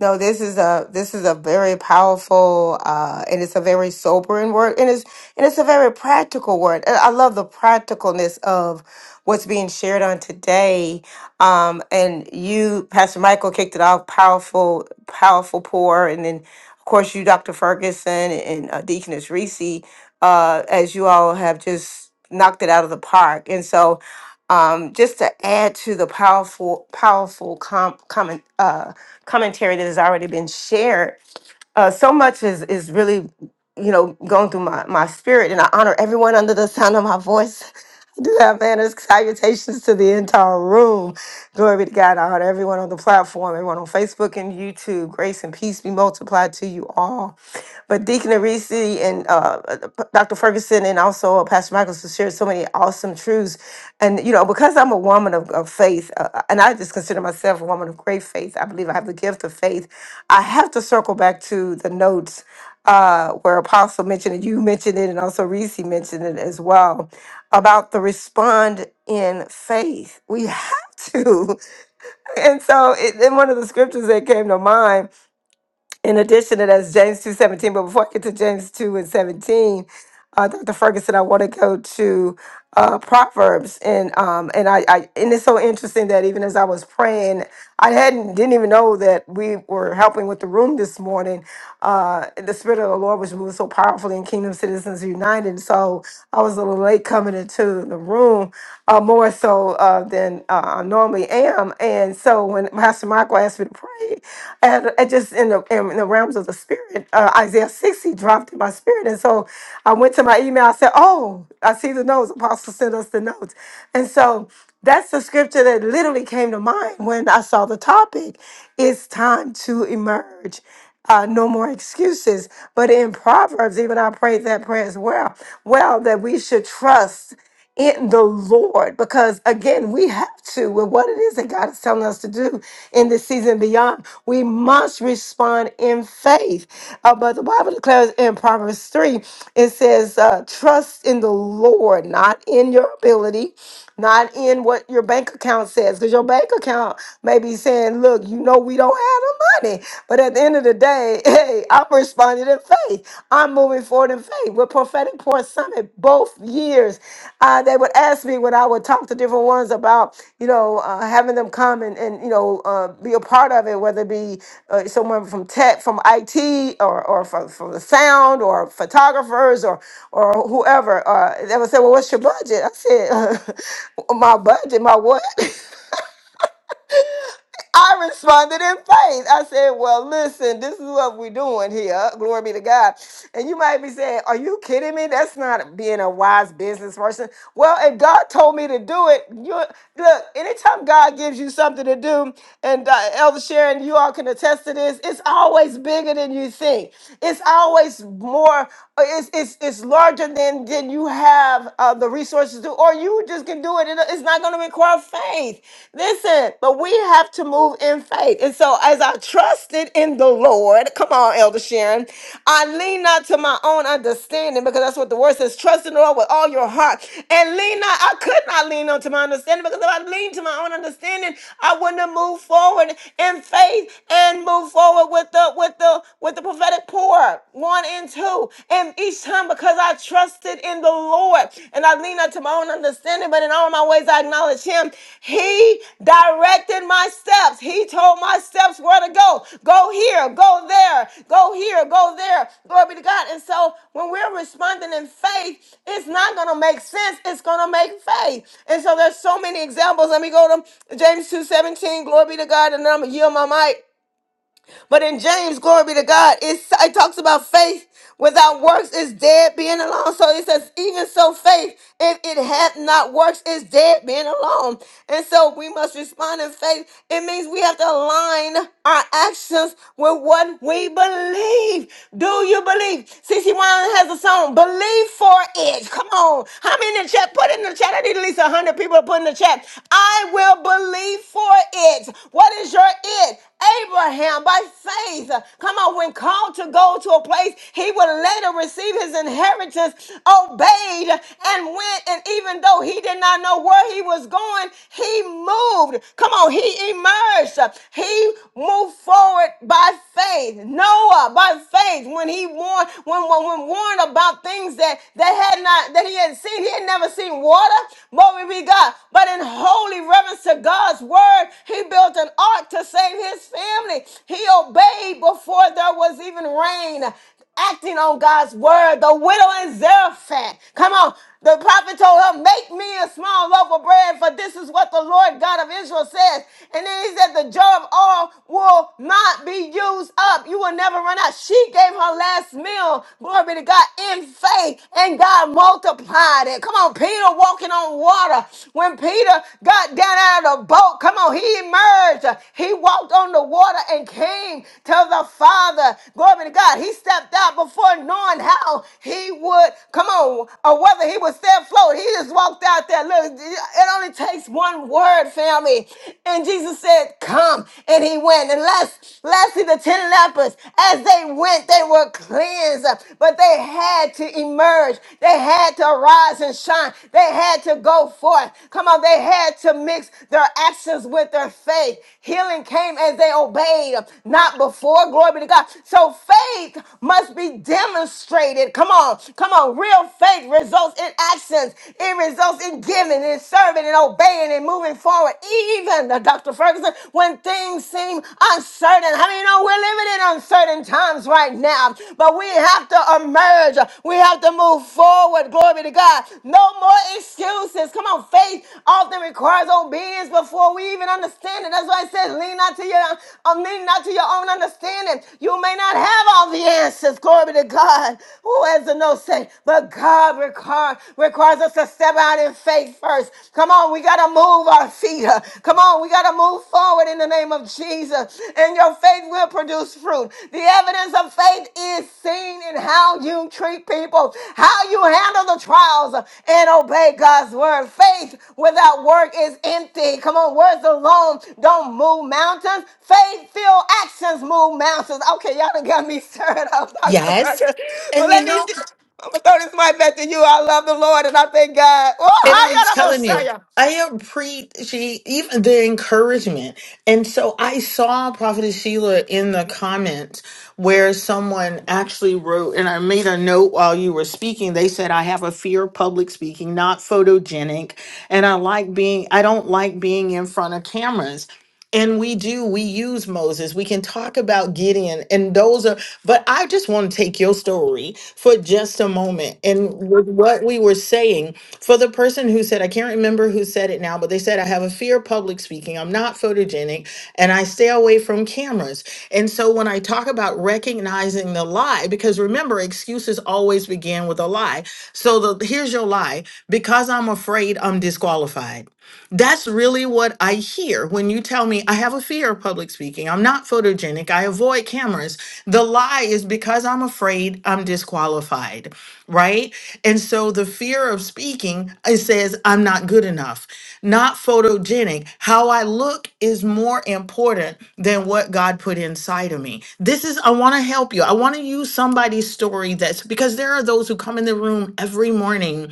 [SPEAKER 3] No, this is a this is a very powerful uh and it's a very sobering word and it's and it's a very practical word. And I love the practicalness of what's being shared on today. Um and you, Pastor Michael, kicked it off powerful, powerful pour, and then of course you, Dr. Ferguson and uh, Deaconess Reese, uh, as you all have just knocked it out of the park. And so um, just to add to the powerful, powerful com- comment, uh, commentary that has already been shared, uh, so much is is really, you know, going through my my spirit, and I honor everyone under the sound of my voice. do have manners. Salutations to the entire room. Glory be to God. I honor everyone on the platform, everyone on Facebook and YouTube. Grace and peace be multiplied to you all. But Deacon Arisi and uh, uh, Dr. Ferguson and also uh, Pastor Michaels has shared so many awesome truths. And, you know, because I'm a woman of, of faith, uh, and I just consider myself a woman of great faith, I believe I have the gift of faith. I have to circle back to the notes uh, where Apostle mentioned it, you mentioned it, and also Reese mentioned it as well about the respond in faith. We have to. And so, it, and one of the scriptures that came to mind in addition to that, James two seventeen. But before I get to James two and seventeen, uh, Dr. Ferguson, I want to go to uh, Proverbs, and um, and I, I and it's so interesting that even as I was praying, I hadn't didn't even know that we were helping with the room this morning. Uh, the spirit of the Lord was moving so powerfully in Kingdom Citizens United, so I was a little late coming into the room, uh, more so uh, than uh, I normally am. And so when Pastor Michael asked me to pray, and I just in the, in the realms of the spirit, uh, Isaiah 60 dropped in my spirit. And so I went to my email. I said, Oh, I see the notes. Apostle sent us the notes. And so that's the scripture that literally came to mind when I saw the topic. It's time to emerge. Uh, no more excuses. But in Proverbs, even I prayed that prayer as well. Well, that we should trust in the Lord. Because again, we have to, with what it is that God is telling us to do in this season beyond, we must respond in faith. Uh, but the Bible declares in Proverbs 3, it says, uh, trust in the Lord, not in your ability not in what your bank account says, because your bank account may be saying, "Look, you know we don't have the money," but at the end of the day, hey, I'm responding in faith. I'm moving forward in faith. With prophetic Pour summit, both years, uh, they would ask me when I would talk to different ones about you know uh, having them come and, and you know uh, be a part of it, whether it be uh, someone from tech, from IT, or or from, from the sound, or photographers, or or whoever. Uh, they would say, "Well, what's your budget?" I said, "My budget, my what?" I responded in faith. I said, Well, listen, this is what we're doing here. Glory be to God. And you might be saying, Are you kidding me? That's not being a wise business person. Well, if God told me to do it, you look, anytime God gives you something to do, and uh, Elder Sharon, you all can attest to this, it's always bigger than you think. It's always more, it's, it's, it's larger than, than you have uh, the resources to, or you you just can do it. It- It's not going to require faith. Listen, but we have to move in faith. And so, as I trusted in the Lord, come on, Elder Sharon, I lean not to my own understanding because that's what the word says trust in the Lord with all your heart. And lean not, I could not lean on to my understanding because if I leaned to my own understanding, I wouldn't have moved forward in faith and move forward with the with the with the prophetic pour one and two through. And each time, because I trusted in the Lord and I lean not to my own understanding, but in all my ways I acknowledge Him, He directed my steps. He told my steps where to go. Go here, go there, go here, go there. Glory be to God. And so when we're responding in faith, it's not going to make sense. It's going to make faith. And so there's so many examples. Let me go to James 2:17. Glory be to God. And then I'm going to yield my mic. But in James, glory be to God, it's, it talks about faith without works is dead being alone. So it says, even so, faith, if it hath not works, is dead being alone. And so we must respond in faith. It means we have to align our actions with what we believe. Do you believe? CC Wine has a song, Believe for It. Come on. How many in the chat? Put it in the chat. I need at least 100 people to put in the chat. I will believe for it. What is your it? Abraham, by faith, come on, when called to go to a place he would later receive his inheritance, obeyed and went. And even though he did not know where he was going, he moved. Come on, he emerged. He moved forward by faith. Noah, by faith, when he warned, when, when, when warned about things that that had not, that he had seen, he had never seen water. Glory be God. But in holy reverence, servants to God's word. He built an ark to save his family. He obeyed before there was even rain acting on God's word. The widow in Zarephath. Come on. The prophet told her, Make me a small loaf of bread, for this is what the Lord God of Israel says. And then he said, The jar of oil will not be used up. You will never run out. She gave her last meal, glory be to God, in faith, and God multiplied it. Come on, on, Peter walking on water. When Peter got down out of the boat, come on, he emerged. He walked on the water and came to the Father. Glory to God. He stepped out before knowing how he would, come on, or whether he would stay afloat. He just walked out there. Look, it only takes one word, family. And Jesus said, Come. And he went. And let's, the ten lepers. As they went, they were cleansed, but they they had to emerge. They had to rise and shine. They had to go forth. Come on, they had to mix their actions with their faith. Healing came as they obeyed, not before. Glory be to God. So faith must be demonstrated. Come on, come on. Real faith results in actions. It results in giving and serving and obeying and moving forward. Even uh, Dr. Ferguson, when things seem uncertain. How many know we're limited? in uncertain times right now, but we have to emerge. We have to move forward. Glory to God. No more excuses. Come on, faith often requires obedience before we even understand it. That's why it says, lean not to your um, lean not to your own understanding. You may not have all the answers. Glory to God. Who has the no say? But God require, requires us to step out in faith first. Come on, we gotta move our feet. Come on, we gotta move forward forward in the name of Jesus, and your faith will produce fruit. The evidence of faith is seen in how you treat people, how you handle the trials, and obey God's word. Faith without work is empty. Come on, words alone don't move mountains. Faith filled actions move mountains. Okay, y'all done got me stirred up, Dr.
[SPEAKER 4] Yes.
[SPEAKER 3] Parker. Well,
[SPEAKER 4] and you
[SPEAKER 3] let
[SPEAKER 4] know
[SPEAKER 3] me. just, I'm gonna throw this mic back to you. I love the Lord and I thank God. Oh,
[SPEAKER 4] And I'm
[SPEAKER 3] hi, y'all. I'm gonna
[SPEAKER 4] telling you,
[SPEAKER 3] show you.
[SPEAKER 4] I appreciate even the encouragement. And so I saw Prophetess Sheila in the comments where someone actually wrote, and I made a note while you were speaking. They said, I have a fear of public speaking, not photogenic. And I like being, I don't like being in front of cameras. And we do, we use Moses. We can talk about Gideon and those are, but I just want to take your story for just a moment. And with what we were saying, for the person who said, I can't remember who said it now, but they said, I have a fear of public speaking. I'm not photogenic and I stay away from cameras. And so when I talk about recognizing the lie, because remember, excuses always begin with a lie. So the, here's your lie because I'm afraid I'm disqualified. That's really what I hear when you tell me I have a fear of public speaking. I'm not photogenic. I avoid cameras. The lie is because I'm afraid I'm disqualified, right? And so the fear of speaking, it says I'm not good enough, not photogenic. How I look is more important than what God put inside of me. This is, I want to help you. I want to use somebody's story that's because there are those who come in the room every morning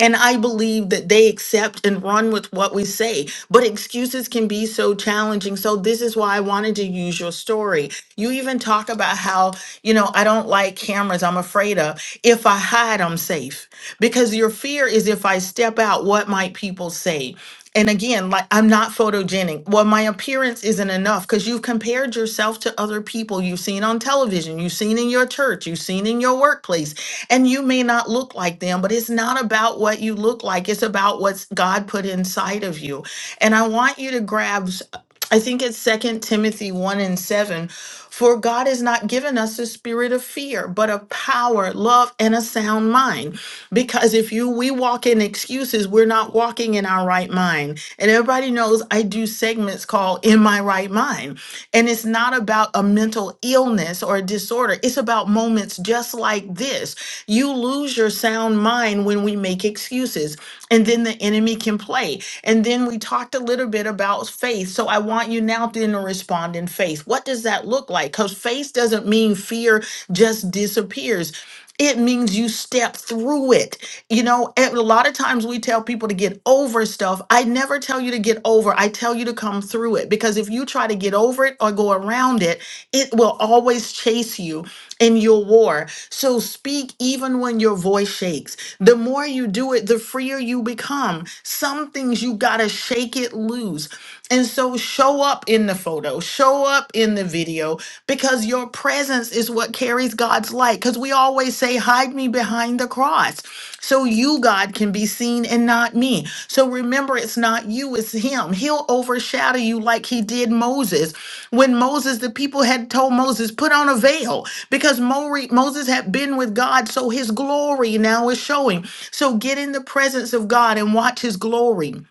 [SPEAKER 4] and I believe that they accept and run with what we say. But excuses can be so challenging. So, this is why I wanted to use your story. You even talk about how, you know, I don't like cameras, I'm afraid of. If I hide, I'm safe. Because your fear is if I step out, what might people say? and again like i'm not photogenic well my appearance isn't enough because you've compared yourself to other people you've seen on television you've seen in your church you've seen in your workplace and you may not look like them but it's not about what you look like it's about what's god put inside of you and i want you to grab s- I think it's Second Timothy 1 and 7. For God has not given us a spirit of fear, but of power, love, and a sound mind. Because if you we walk in excuses, we're not walking in our right mind. And everybody knows I do segments called In My Right Mind. And it's not about a mental illness or a disorder. It's about moments just like this. You lose your sound mind when we make excuses. And then the enemy can play. And then we talked a little bit about about faith. So I want you now then to respond in faith. What does that look like? Because faith doesn't mean fear just disappears. It means you step through it. You know, and a lot of times we tell people to get over stuff. I never tell you to get over. I tell you to come through it because if you try to get over it or go around it, it will always chase you in your war. So speak even when your voice shakes. The more you do it, the freer you become. Some things you got to shake make it lose. And so show up in the photo, show up in the video, because your presence is what carries God's light. Because we always say, hide me behind the cross. So you, God, can be seen and not me. So remember, it's not you, it's him. He'll overshadow you like he did Moses. When Moses, the people had told Moses, put on a veil because Mori- Moses had been with God, so his glory now is showing. So get in the presence of God and watch his glory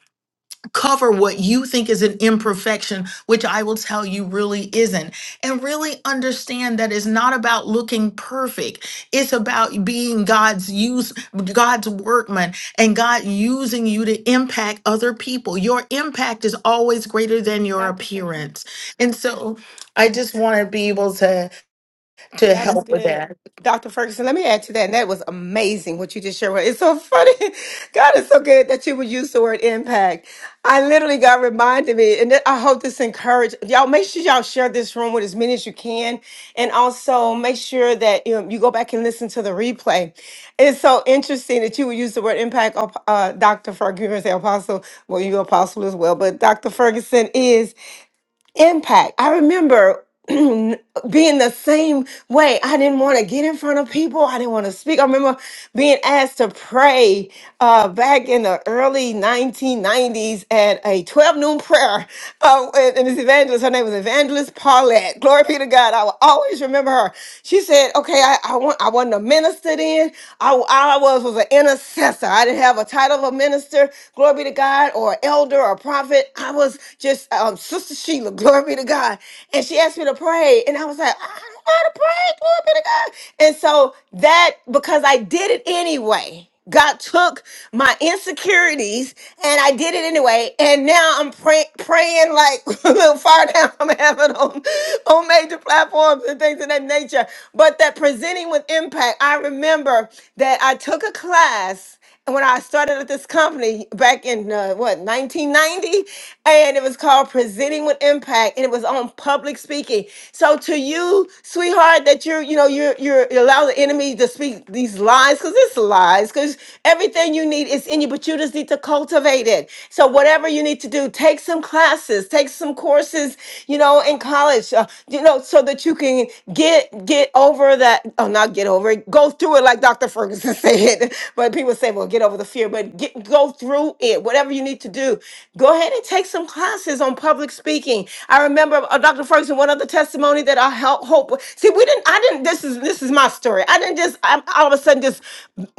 [SPEAKER 4] cover what you think is an imperfection, which I will tell you really isn't. And really understand that it's not about looking perfect. It's about being God's use, God's workman, and God using you to impact other people. Your impact is always greater than your
[SPEAKER 3] Dr. Frank.
[SPEAKER 4] appearance. And so I just want to be able to to
[SPEAKER 3] That was
[SPEAKER 4] help with
[SPEAKER 3] good.
[SPEAKER 4] that.
[SPEAKER 3] Dr. Ferguson, let me add to that. And that was amazing what you just shared. with- It's so funny. God is so good that you would use the word impact. I literally got reminded me, and I hope this encouraged y'all. Make sure y'all share this room with as many as you can. And also make sure that you, know, you go back and listen to the replay. It's so interesting that you would use the word impact. Uh, Dr. Ferguson, you were gonna say apostle. Well, you're apostle as well, but Dr. Ferguson is impact. I remember being the same way. I didn't want to get in front of people. I didn't want to speak. I remember being asked to pray uh, back in the early 1990s at a 12 noon prayer. Uh, and and this evangelist, her name was Evangelist Paulette. Glory be to God. I will always remember her. She said, "Okay, I, I want I wasn't a minister then. I, all I was was an intercessor. I didn't have a title of a minister. Glory be to God, or elder, or prophet. I was." just." Miss um, Sister Sheila, glory be to God. And she asked me to pray. And I was like, I don't know how to pray, glory be to God. And so that, because I did it anyway, God took my insecurities and I did it anyway. And now I'm pray- praying like a little far down from heaven on, on major platforms and things of that nature. But that presenting with impact, I remember that I took a class when I started at this company back in uh, what 1990, and it was called Presenting with Impact, and it was on public speaking. So to you, sweetheart, that you're you know you're you're you allow the enemy to speak these lies because it's lies because everything you need is in you, but you just need to cultivate it. So whatever you need to do, take some classes, take some courses, you know, in college, uh, you know, so that you can get get over that. Oh, not get over it. Go through it like Dr. Ferguson said. But people people say, well, get over the fear, but get, go through it. Whatever you need to do, go ahead and take some classes on public speaking. I remember uh, Dr. Ferguson, one other testimony that I help hope. See, we didn't, I didn't, this is, this is my story. I didn't just, I'm, all of a sudden just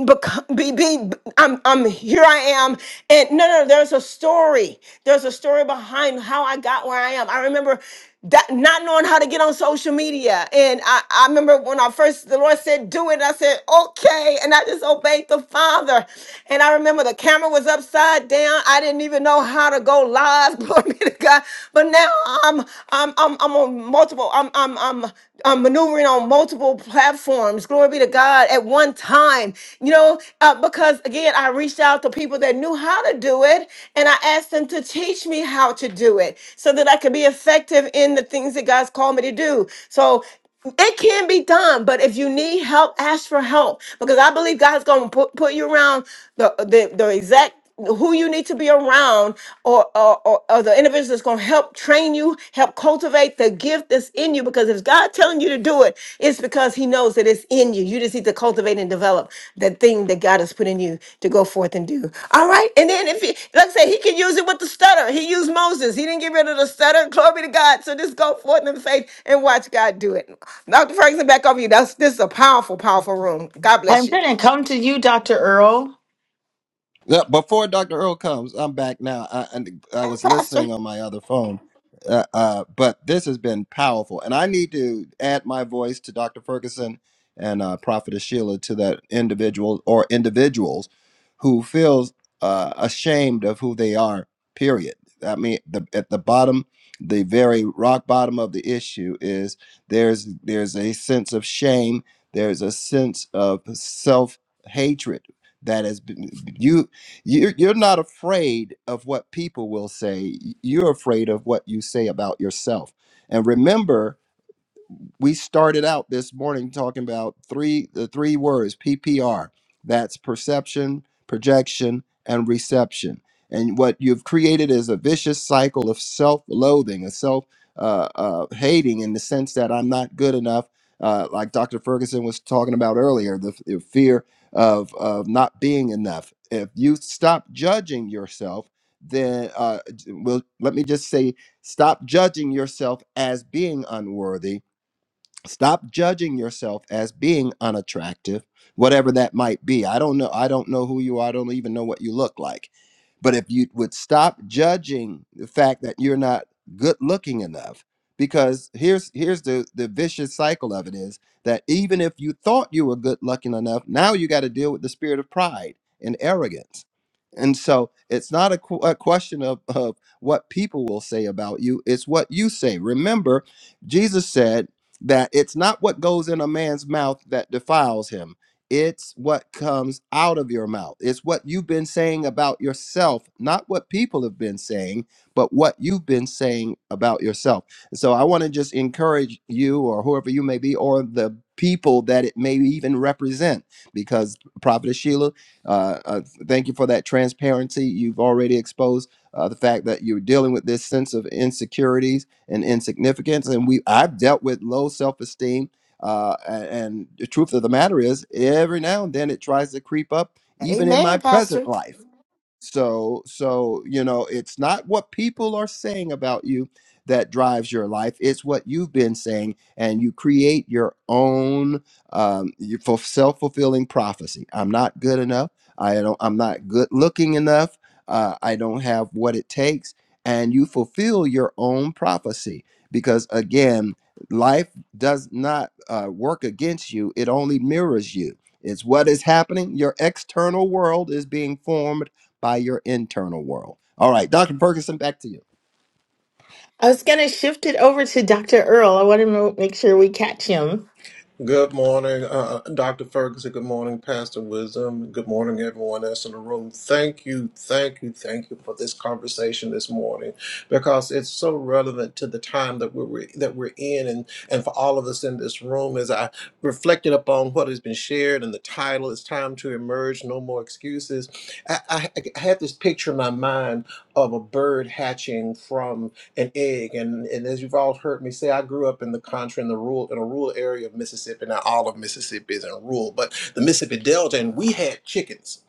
[SPEAKER 3] become, be, be, I'm, I'm, here I am. And no, no, there's a story. There's a story behind how I got where I am. I remember that not knowing how to get on social media. And I, I remember when I first the Lord said, do it, And I said, okay. And I just obeyed the Father. And I remember the camera was upside down. I didn't even know how to go live. Glory be to God. But now I'm I'm I'm I'm on multiple, I'm I'm I'm I'm maneuvering on multiple platforms. Glory be to God at one time. You know, know, uh, because again, I reached out to people that knew how to do it and I asked them to teach me how to do it so that I could be effective in the things that God's called me to do. So it can be done, but if you need help, ask for help because I believe God's going to put, put you around the, the, the exact who you need to be around or, or, or, or the individual that's going to help train you help cultivate the gift that's in you because if god telling you to do it it's because he knows that it's in you you just need to cultivate and develop that thing that god has put in you to go forth and do all right and then if he like i say, he can use it with the stutter he used moses he didn't get rid of the stutter glory to god so just go forth in faith and watch god do it dr ferguson back over to you that's this is a powerful powerful room god
[SPEAKER 4] I'm
[SPEAKER 3] bless you
[SPEAKER 4] going to come to you, Dr. Earl.
[SPEAKER 1] Yeah, before Dr. Earl comes, I'm back now. I, and I
[SPEAKER 3] hey
[SPEAKER 1] was
[SPEAKER 3] pastor
[SPEAKER 1] listening on my other phone, uh, uh, but this has been powerful. And I need to add my voice to Dr. Ferguson and uh, Prophetess Sheila to that individual or individuals who feels uh, ashamed of who they are, period. I mean, the, at the bottom, the very rock bottom of the issue is there's there's a sense of shame. There's a sense of self hatred that has been you you're, you're not afraid of what people will say. You're afraid of what you say about yourself. And remember, we started out this morning talking about three the three words PPR. That's perception, projection, and reception. And what you've created is a vicious cycle of self-loathing, a self uh, uh, hating, in the sense that I'm not good enough. Uh, like Dr. Ferguson was talking about earlier, the, the fear of of not being enough. If you stop judging yourself, then uh, well, let me just say, stop judging yourself as being unworthy Stop judging yourself as being unattractive, whatever that might be. I don't know. I don't know who you are. I don't even know what you look like. But if you would stop judging the fact that you're not good looking enough, because here's here's the the vicious cycle of it is that even if you thought you were good looking enough, now you got to deal with the spirit of pride and arrogance. And so it's not a, qu- a question of, of what people will say about you, it's what you say. Remember, Jesus said that it's not what goes in a man's mouth that defiles him. It's what comes out of your mouth. It's what you've been saying about yourself, not what people have been saying, but what you've been saying about yourself. And so I want to just encourage you or whoever you may be, or the people that it may even represent, because Prophet Sheila, uh, uh, thank you for that transparency. You've already exposed uh, the fact that you're dealing with this sense of insecurities and insignificance. And we I've dealt with low self esteem. Uh, a- and the truth of the matter is, every now and then it tries to creep up, even in my
[SPEAKER 3] Amen, Pastor.
[SPEAKER 1] present life. So, so you know, it's not what people are saying about you that drives your life. It's what you've been saying, and you create your own um, you- for self-fulfilling prophecy. I'm not good enough. I don't. I'm not good looking enough. Uh, I don't have what it takes, and you fulfill your own prophecy because again, life does not uh, work against you. It only mirrors you. It's what is happening. Your external world is being formed by your internal world. All right, Dr. Ferguson, back to you.
[SPEAKER 4] I was going to shift it over to Dr. Earl. I want to make sure we catch him.
[SPEAKER 6] Good morning, uh, Dr. Ferguson. Good morning, Pastor Wisdom. Good morning, everyone that's in the room. Thank you, thank you, thank you for this conversation this morning because it's so relevant to the time that we're that we're in, and and for all of us in this room. As I reflected upon what has been shared and the title, "It's Time to Emerge: No More Excuses." I, I, I had this picture in my mind of a bird hatching an egg. And and as you've all heard me say, I grew up in the country in the rural in a rural area of Mississippi. Now all of Mississippi isn't rural, but the Mississippi Delta, and we had chickens.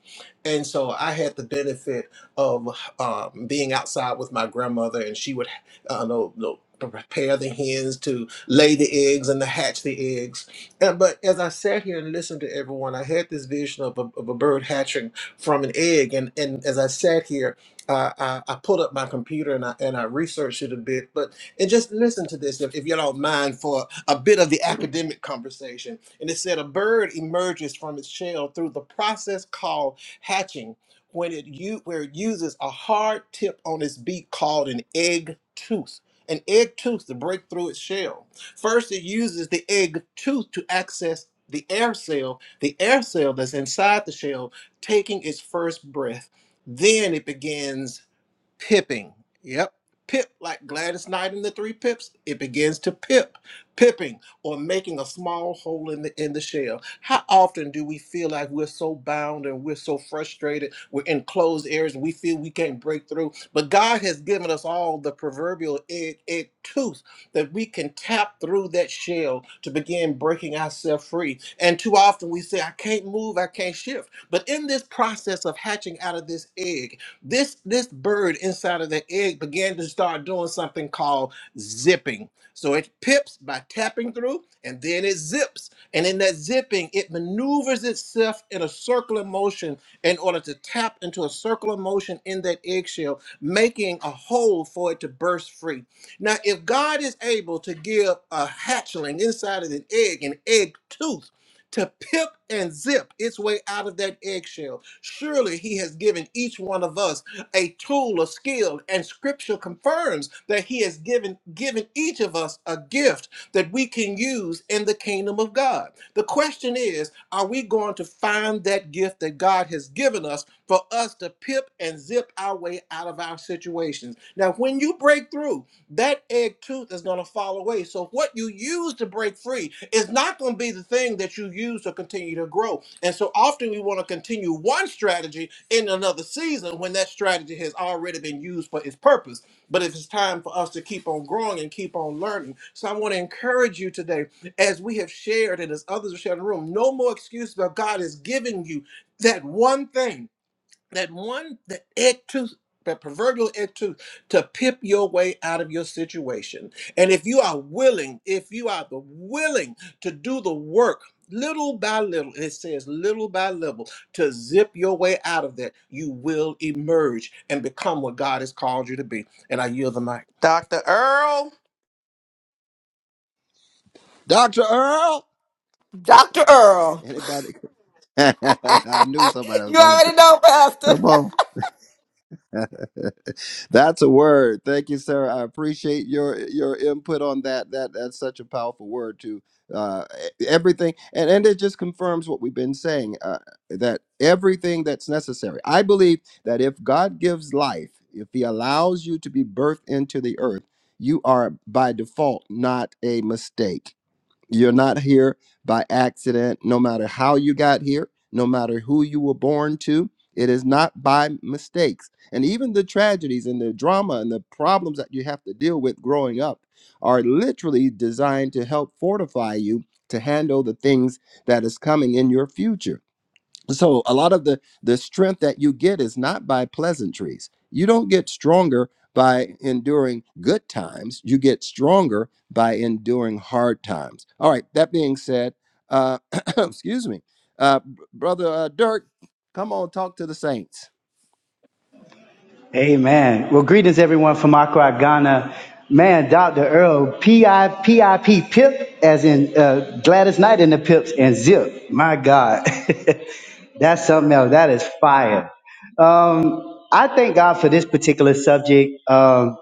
[SPEAKER 6] And so I had the benefit of um, being outside with my grandmother, and she would uh, no, no, prepare the hens to lay the eggs and to hatch the eggs. And, but as I sat here and listened to everyone, I had this vision of a, of a bird hatching from an egg. And, and as I sat here, I, I, I pulled up my computer and I and I researched it a bit, but and just listen to this if, if you don't mind for a bit of the academic conversation. And it said a bird emerges from its shell through the process called hatching, when it u- where it uses a hard tip on its beak called an egg tooth. An egg tooth to break through its shell. First, it uses the egg tooth to access the air cell, the air cell that's inside the shell, taking its first breath. Then it begins pipping. Yep. Pip, like Gladys Knight in the Three Pips, it begins to pip, pipping, or making a small hole in the in the shell. How often do we feel like we're so bound and we're so frustrated, we're in closed areas, and we feel we can't break through? But God has given us all the proverbial egg, egg tooth that we can tap through that shell to begin breaking ourselves free. And too often we say, I can't move, I can't shift. But in this process of hatching out of this egg, this this bird inside of the egg began to start doing something called zipping. So it pips by tapping through, and then it zips. And in that zipping, it maneuvers itself in a circular motion in order to tap into a circular motion in that eggshell, making a hole for it to burst free. Now, if God is able to give a hatchling inside of an egg an egg tooth, to pip and zip its way out of that eggshell. Surely he has given each one of us a tool, a skill, and scripture confirms that he has given given each of us a gift that we can use in the kingdom of God. The question is, are we going to find that gift that God has given us for us to pip and zip our way out of our situations? Now, when you break through, that egg tooth is going to fall away. So, what you use to break free is not going to be the thing that you use to continue to grow. And so, often we want to continue one strategy in another season when that strategy has already been used for its purpose. But it's time for us to keep on growing and keep on learning, so I want to encourage you today, as we have shared and as others have shared in the room, no more excuses. But God is giving you that one thing that one the egg tooth the proverbial egg tooth to pip your way out of your situation and if you are willing if you are the willing to do the work little by little it says little by little to zip your way out of that you will emerge and become what god has called you to be and i yield the mic
[SPEAKER 5] Dr. Earl.
[SPEAKER 1] Dr. Earl,
[SPEAKER 3] Dr. Earl.
[SPEAKER 1] anybody? I knew somebody was
[SPEAKER 3] you
[SPEAKER 1] going to.
[SPEAKER 3] already know, Pastor.
[SPEAKER 1] Come on. That's a word. Thank you, sir. I appreciate your your input on that. That that's such a powerful word to uh, e- everything, and and it just confirms what we've been saying uh, that everything that's necessary. I believe that if God gives life, if He allows you to be birthed into the earth, you are by default not a mistake You're not here by accident, no matter how you got here, no matter who you were born to. It is not by mistakes. And even the tragedies and the drama and the problems that you have to deal with growing up are literally designed to help fortify you to handle the things that is coming in your future so a lot of the the strength that you get is not by pleasantries you don't get stronger by enduring good times you get stronger by enduring hard times all right that being said uh excuse me uh b- brother uh, dirk come on talk to the saints
[SPEAKER 7] Amen. Well, greetings everyone from Accra, Ghana. Man, Dr. Earl, P I P I P P.I.P. Pip, as in uh, Gladys Knight and the Pips, and Zip. My God. That's something else. That is fire. Um, I thank God for this particular subject. Um,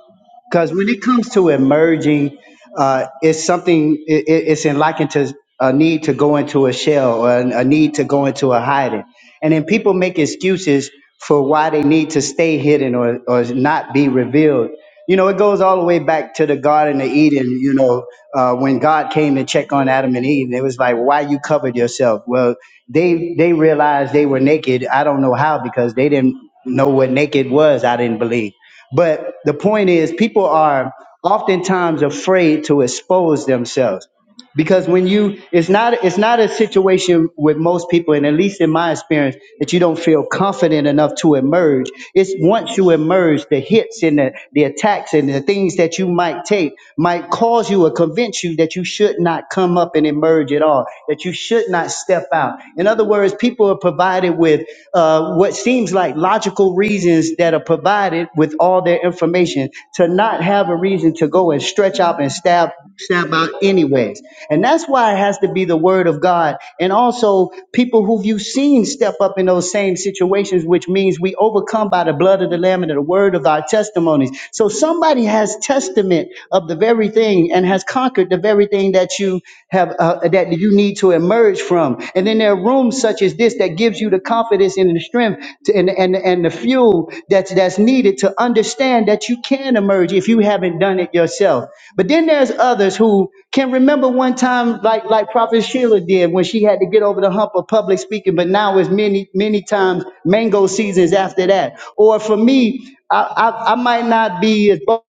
[SPEAKER 7] because when it comes to emerging, uh, it's something, it, it- it's in likened to a need to go into a shell or a a need to go into a hiding. And then people make excuses for why they need to stay hidden or, or not be revealed. You know, it goes all the way back to the Garden of Eden, you know, uh, when God came to check on Adam and Eve. It was like, why you covered yourself? Well, they they realized they were naked. I don't know how because they didn't know what naked was. I didn't believe. But the point is, people are oftentimes afraid to expose themselves because when you, it's not, it's not a situation with most people, and at least in my experience, that you don't feel confident enough to emerge. It's once you emerge, the hits and the, the attacks and the things that you might take might cause you or convince you that you should not come up and emerge at all, that you should not step out. In other words, people are provided with uh, what seems like logical reasons that are provided provided with all their information to not have a reason to go and stretch out and stab stab out anyways. And that's why it has to be the word of God. And also people who you've seen step up in those same situations, which means we overcome by the blood of the Lamb and the word of our testimonies. So somebody has testament of the very thing and has conquered the very thing that you have uh, that you need to emerge discouraged from. And then there are rooms such as this that gives you the confidence and the strength to, and, and, and the fuel that's, that's needed to understand that you can emerge if you haven't done it yourself. But then there's others who can remember one time like, like Prophet Sheila did when she had to get over the hump of public speaking, but now it's many, many times mango seasons after that. Or for me, I, I, I might not be as bold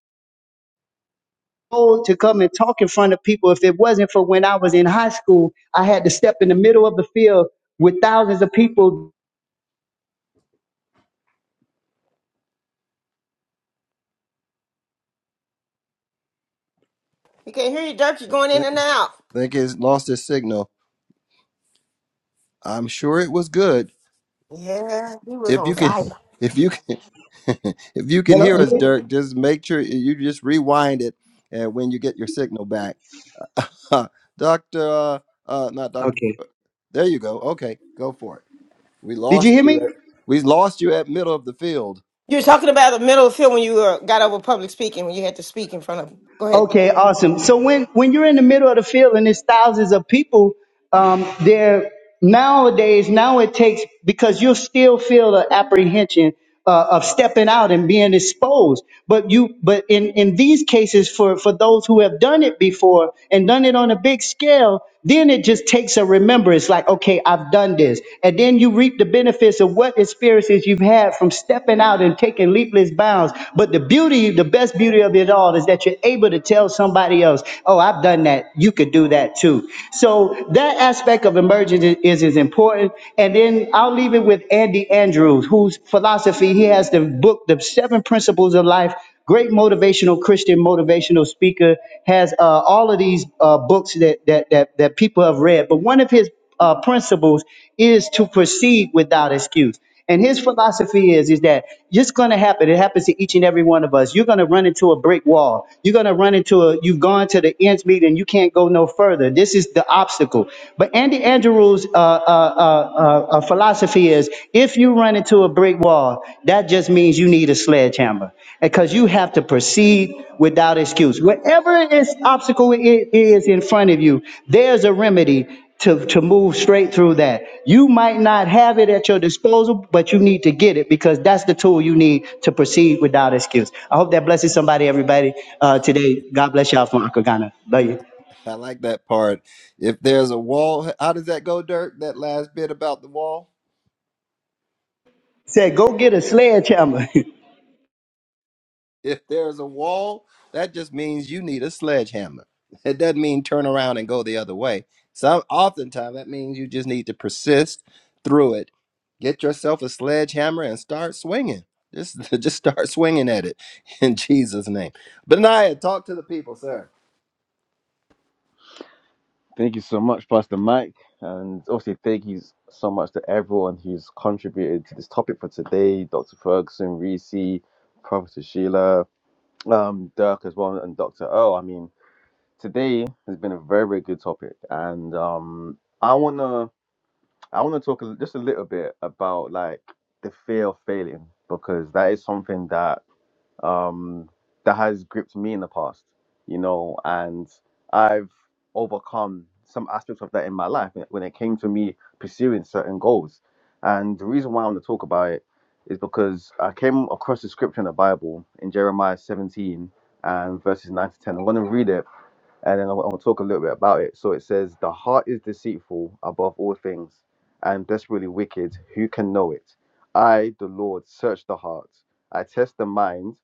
[SPEAKER 7] bold to come and talk in front of people. If it wasn't for when I was in high school, I had to step in the middle of the field with thousands of people.
[SPEAKER 3] We can't hear you, Dirk. You're going in
[SPEAKER 1] Th-
[SPEAKER 3] and out.
[SPEAKER 1] think it's lost his signal i'm sure it was good
[SPEAKER 3] Yeah, he was
[SPEAKER 1] if
[SPEAKER 3] on
[SPEAKER 1] you can
[SPEAKER 3] fire.
[SPEAKER 1] if you can if you can
[SPEAKER 7] Hello?
[SPEAKER 1] hear us
[SPEAKER 7] You-
[SPEAKER 1] dirk just make sure you just rewind it uh, when you get your signal back Huh. Doctor, uh, uh, not Doctor.
[SPEAKER 7] Okay.
[SPEAKER 1] There you go. Okay, go for it. We
[SPEAKER 7] Did you
[SPEAKER 1] lost
[SPEAKER 7] hear
[SPEAKER 1] you.
[SPEAKER 7] me?
[SPEAKER 1] At, we lost you at middle of the field.
[SPEAKER 3] You were talking about the middle of the field when you were, got over public speaking, when you had to speak in front of Go ahead.
[SPEAKER 7] Okay, awesome. So when, when you're in the middle of the field and there's thousands of people, um, there nowadays, now it takes, because you'll still feel the apprehension uh, of stepping out and being exposed. But you, but in, in these cases, for, for those who have done it before and done it on a big scale, then it just takes a remembrance like, okay, I've done this. And then you reap the benefits of what experiences you've had from stepping out and taking leapless bounds. But the beauty, the best beauty of it all is that you're able to tell somebody else, oh, I've done that. You could do that too. So that aspect of emergence is, is is important. And then I'll leave it with Andy Andrews, whose philosophy, he has the book, The Seven Principles of Life Great motivational Christian motivational speaker has uh, all of these uh, books that, that that that people have read. But one of his uh, principles is to proceed without excuse. And his philosophy is is that it's going to happen. It happens to each and every one of us. You're going to run into a brick wall. You're going to run into a. You've gone to the ends meet and you can't go no further. This is the obstacle. But Andy Andrews' uh, uh, uh, uh, uh, philosophy philosophy is if you run into a brick wall, that just means you need a sledgehammer because you have to proceed without excuse. Whatever this obstacle i- is in front of you, there's a remedy to, to move straight through that. You might not have it at your disposal, but you need to get it because that's the tool you need to proceed without excuse. I hope that blesses somebody, everybody, uh, today. God bless y'all from Akagana. Love you.
[SPEAKER 1] I like that part. If there's a wall, how does that go, Dirk? That last bit about the wall.
[SPEAKER 7] Said, go get a sledgehammer.
[SPEAKER 1] If there's a wall, that just means you need a sledgehammer. It doesn't mean turn around and go the other way. Some oftentimes that means you just need to persist through it. Get yourself a sledgehammer and start swinging. Just, just start swinging at it in Jesus' name. Benaiah, talk to the people, sir.
[SPEAKER 8] Thank you so much, Pastor Mike. And obviously, thank you so much to everyone who's contributed to this topic for today Dr. Ferguson, Reese, Professor Sheila, um, Dirk as well, and Dr. O. I mean, today has been a very, very good topic. And um, I want to I wanna talk a- just a little bit about like the fear of failing, because that is something that um, that has gripped me in the past, you know, and I've overcome some aspects of that in my life when when it came to me pursuing certain goals. And the reason why I want to talk about it is because I came across the scripture in the Bible in Jeremiah 17 and verses 9 to 10. I'm going to read it and then I want to talk a little bit about it. So it says, The heart is deceitful above all things and desperately wicked. Who can know it? I, the Lord, search the heart. I test the mind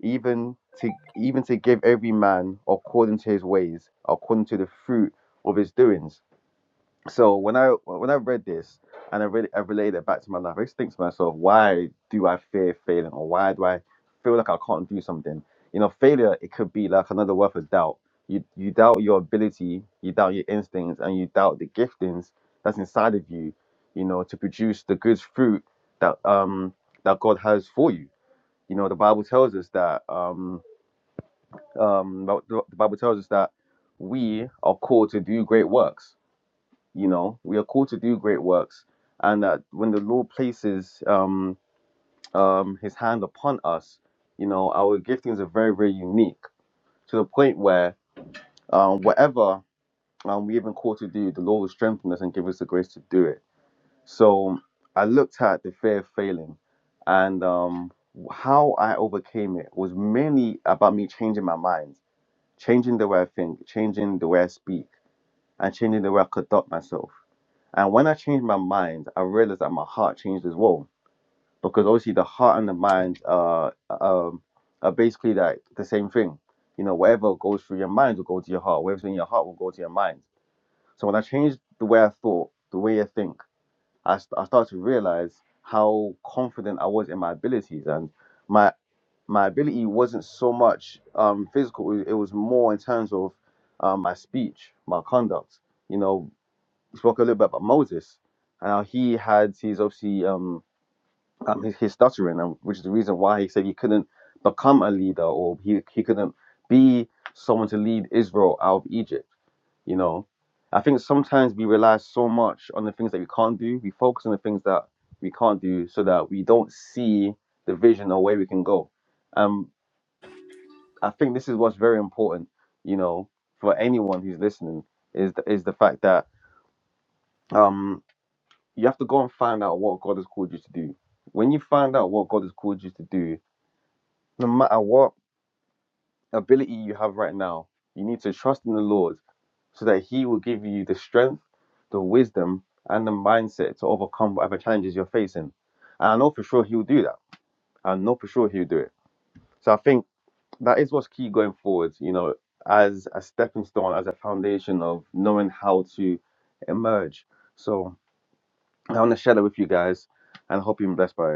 [SPEAKER 8] even to even to give every man according to his ways, according to the fruit of his doings. So when I when I read this and I really I related it back to my life, I just think to myself, why do I fear failing, or why do I feel like I can't do something? You know, failure it could be like another word for doubt. You you doubt your ability, you doubt your instincts, and you doubt the giftings that's inside of you. You know, to produce the good fruit that um that God has for you. You know, the Bible tells us that um um but the the bible tells us that we are called to do great works you know we are called to do great works and that when the lord places um um his hand upon us you know our giftings are very very unique to the point where um whatever um we even called to do the lord will strengthen us and give us the grace to do it so i looked at the fear of failing and um how i overcame it was mainly about me changing my mind changing the way I think, changing the way I speak, and changing the way I conduct myself. And when I changed my mind, I realized that my heart changed as well, because obviously the heart and the mind are um, are basically like the same thing. You know, whatever goes through your mind will go to your heart. Whatever's in your heart will go to your mind. So when I changed the way I thought, the way I think, I, st- I started to realize how confident I was in my abilities and my my ability wasn't so much um, physical; it it was more in terms of um, my speech, my conduct. You know, we spoke a little bit about Moses and how he had his obviously um, um, his, his stuttering, and which is the reason why he said he couldn't become a leader or he he couldn't be someone to lead Israel out of Egypt. You know, I think sometimes we rely so much on the things that we can't do. We focus on the things that we can't do, so that we don't see the vision or where we can go Um. I think this is what's very important, you know, for anyone who's listening is the, is the fact that um you have to go and find out what God has called you to do. When you find out what God has called you to do, no matter what ability you have right now, you need to trust in the Lord so that He will give you the strength, the wisdom, and the mindset to overcome whatever challenges you're facing. And I know for sure He will do that. I know for sure He will do it. So I think that is what's key going forward, you know, as a stepping stone, as a foundation of knowing how to emerge. So I want to share that with you guys and I hope you're blessed by it.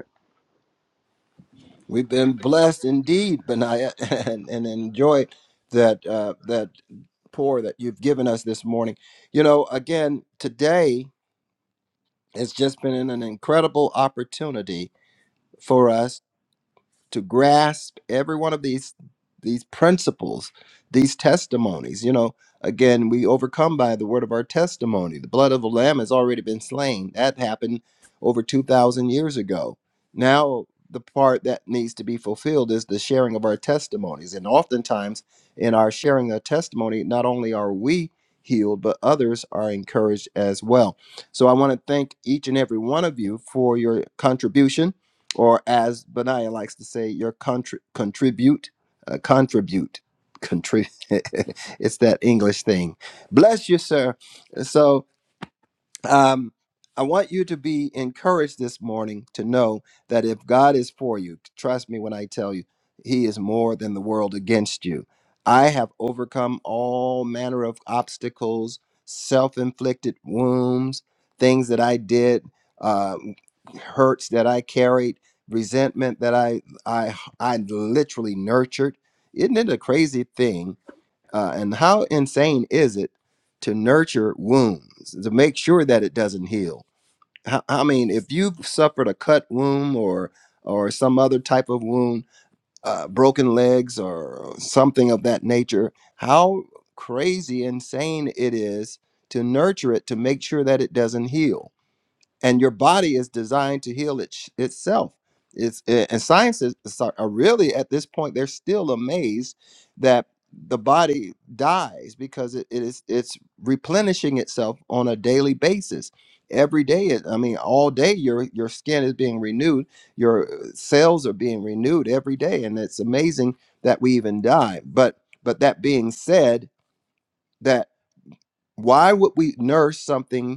[SPEAKER 1] We've been blessed indeed, Benaiah, and, and enjoy that uh, that pour that you've given us this morning. You know, again today. It's just been an incredible opportunity for us to grasp every one of these these principles these testimonies you know again we overcome by the word of our testimony the blood of the lamb has already been slain that happened over 2000 years ago now the part that needs to be fulfilled is the sharing of our testimonies and oftentimes in our sharing our testimony not only are we healed but others are encouraged as well so i want to thank each and every one of you for your contribution or as Benaiah likes to say, your contri- contribute, uh, contribute, contribute. it's that English thing. Bless you, sir. So um, I want you to be encouraged this morning to know that if God is for you, trust me when I tell you, He is more than the world against you. I have overcome all manner of obstacles, self inflicted wounds, things that I did, uh, hurts that I carried, resentment that I, I, I literally nurtured. Isn't it a crazy thing? Uh, and how insane is it to nurture wounds to make sure that it doesn't heal? How- I mean, if you've suffered a cut wound or or some other type of wound, uh, broken legs or something of that nature, how crazy insane it is to nurture it to make sure that it doesn't heal and your body is designed to heal it, itself. It's eh, and scientists are are really at this point they're still amazed that the body dies because it, it is it's replenishing itself on a daily basis. Every day, it- I mean, all day your your skin is being renewed, your eh, cells are being renewed every day, and it's amazing that we even die. But but that being said, that why would we nurse something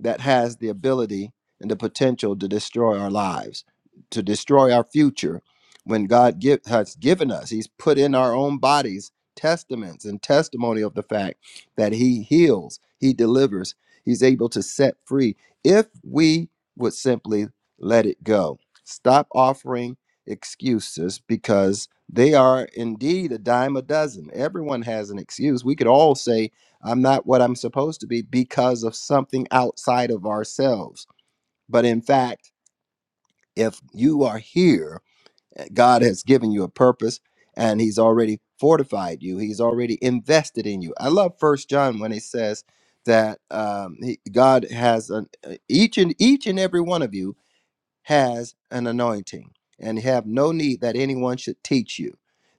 [SPEAKER 1] that has the ability and the potential to destroy our lives, to destroy our future. When God give, has given us, He's put in our own bodies testaments and testimony of the fact that He heals, He delivers, He's able to set free. If we would simply let it go, stop offering excuses because they are indeed a dime a dozen. Everyone has an excuse. We could all say, I'm not what I'm supposed to be because of something outside of ourselves. But in fact, if you are here, God has given you a purpose and he's already fortified you. He's already invested in you. I love first John when he says that um, he, God has an, uh, each and each and every one of you has an anointing and have no need that anyone should teach you.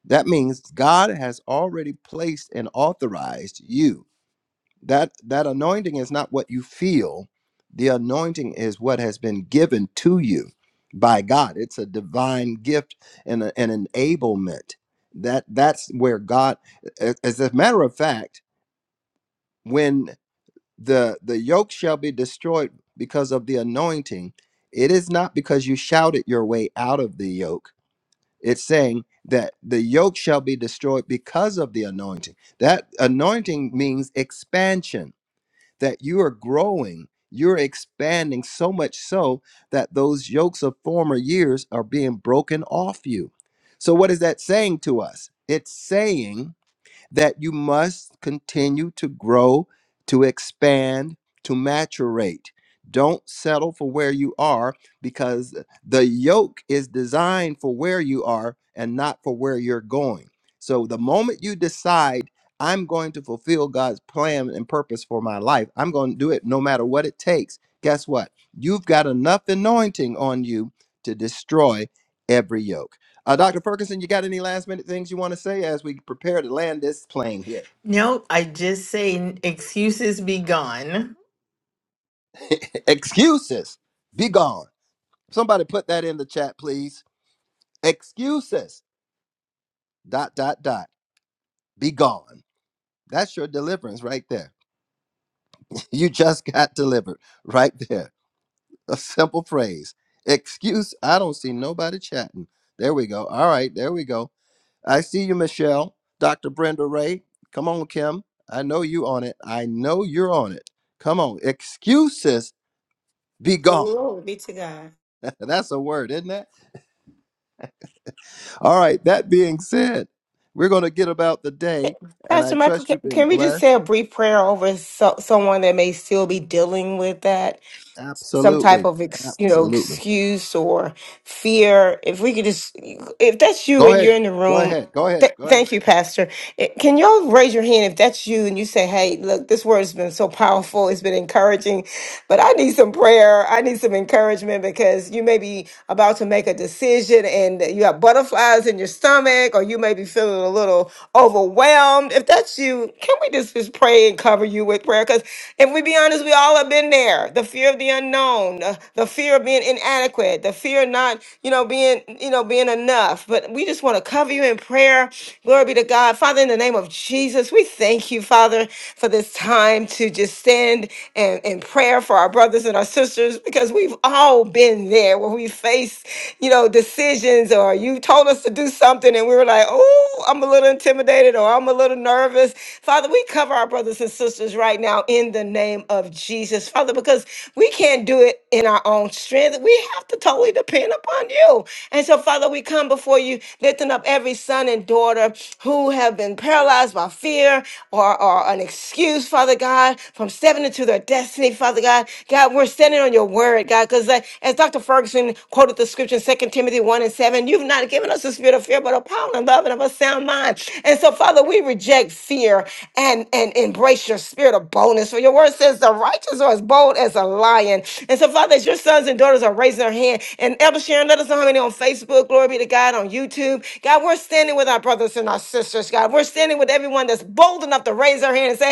[SPEAKER 1] That means God has already placed and authorized you that that anointing is not what you feel the anointing is what has been given to you by god it's a divine gift and a- an enablement that that's where god a- as a matter of fact when the the yoke shall be destroyed because of the anointing it is not because you shouted your way out of the yoke it's saying that the yoke shall be destroyed because of the anointing that anointing means expansion that you are growing, you're expanding so much so that those yokes of former years are being broken off you. So, what is that saying to us? It's saying that you must continue to grow, to expand, to maturate. Don't settle for where you are because the yoke is designed for where you are and not for where you're going. So the moment you decide, I'm going to fulfill God's plan and purpose for my life, I'm going to do it no matter what it takes. Guess what? You've got enough anointing on you to destroy every yoke. Uh, Dr. Ferguson, you got any last minute things you want to say as we prepare to land this plane here?
[SPEAKER 4] Nope, I just say excuses be gone.
[SPEAKER 1] Excuses, be gone. Somebody put that in the chat, please. Excuses, dot, dot, dot, be gone. That's your deliverance right there. You just got delivered right there. A simple phrase. Excuse, I don't see nobody chatting. There we go. All right, there we go. I see you, Michelle. Dr. Brenda Ray. Come on, Kim. I know you on it. I know you're on it. Come on. Excuses be gone.
[SPEAKER 3] Glory be to God.
[SPEAKER 1] That's a word, isn't it? All right. That being said, we're going to get about the day. And I
[SPEAKER 3] Pastor Michael,
[SPEAKER 1] trust
[SPEAKER 3] can,
[SPEAKER 1] you've been
[SPEAKER 3] can we just
[SPEAKER 1] blessed.
[SPEAKER 3] say a brief prayer over so, someone that may still be dealing with that? some type
[SPEAKER 1] Absolutely.
[SPEAKER 3] of ex, you know
[SPEAKER 1] Absolutely.
[SPEAKER 3] excuse or fear if we could just if that's you
[SPEAKER 1] Go
[SPEAKER 3] and you're
[SPEAKER 1] ahead.
[SPEAKER 3] in the
[SPEAKER 1] Go
[SPEAKER 3] room
[SPEAKER 1] ahead. Go ahead.
[SPEAKER 3] Th-
[SPEAKER 1] Go ahead.
[SPEAKER 3] thank you, Pastor. Eh, Can y'all raise your hand if that's you and you say, hey, look, this word has been so powerful. It's been encouraging, but I need some prayer. I need some encouragement because you may be about to make a decision and you have butterflies in your stomach or you may be feeling a little overwhelmed. If that's you, can we just, just pray and cover you with prayer? Because if we be honest, we all have been there. The fear of the unknown, uh, the fear of being inadequate, the fear of not, you know, being, you know, being enough. But we just want to cover you in prayer prayer. Glory be to God. Father, in the name of Jesus, we thank you, Father, for this time to just stand and in prayer for our brothers and our sisters because we've all been there where we face, you know, decisions or you told us to do something and we were like, oh, I'm a little intimidated or I'm a little nervous. Father, we cover our brothers and sisters right now in the name of Jesus, Father, because we can't do it in our own strength. We have to totally depend upon you. And so, Father, we come before you, lifting up every son and and daughter who have been paralyzed by fear or, or an excuse, Father God, from stepping into their destiny, Father God. God, we're standing on your word, God, because as Dr. Ferguson quoted the scripture in 2 Timothy 1 and 7, you've not given us a spirit of fear, but a power and love and of a sound mind. And so, Father, we reject fear and, and embrace your spirit of boldness. For your word says the righteous are as bold as a lion. And so, Father, as your sons and daughters are raising their hand, and Elder Sharon, let us know how many on Facebook, glory be to God, on YouTube. God, we're standing standing with our brothers and our sisters, God. We're standing with everyone that's bold enough to raise their hand and say,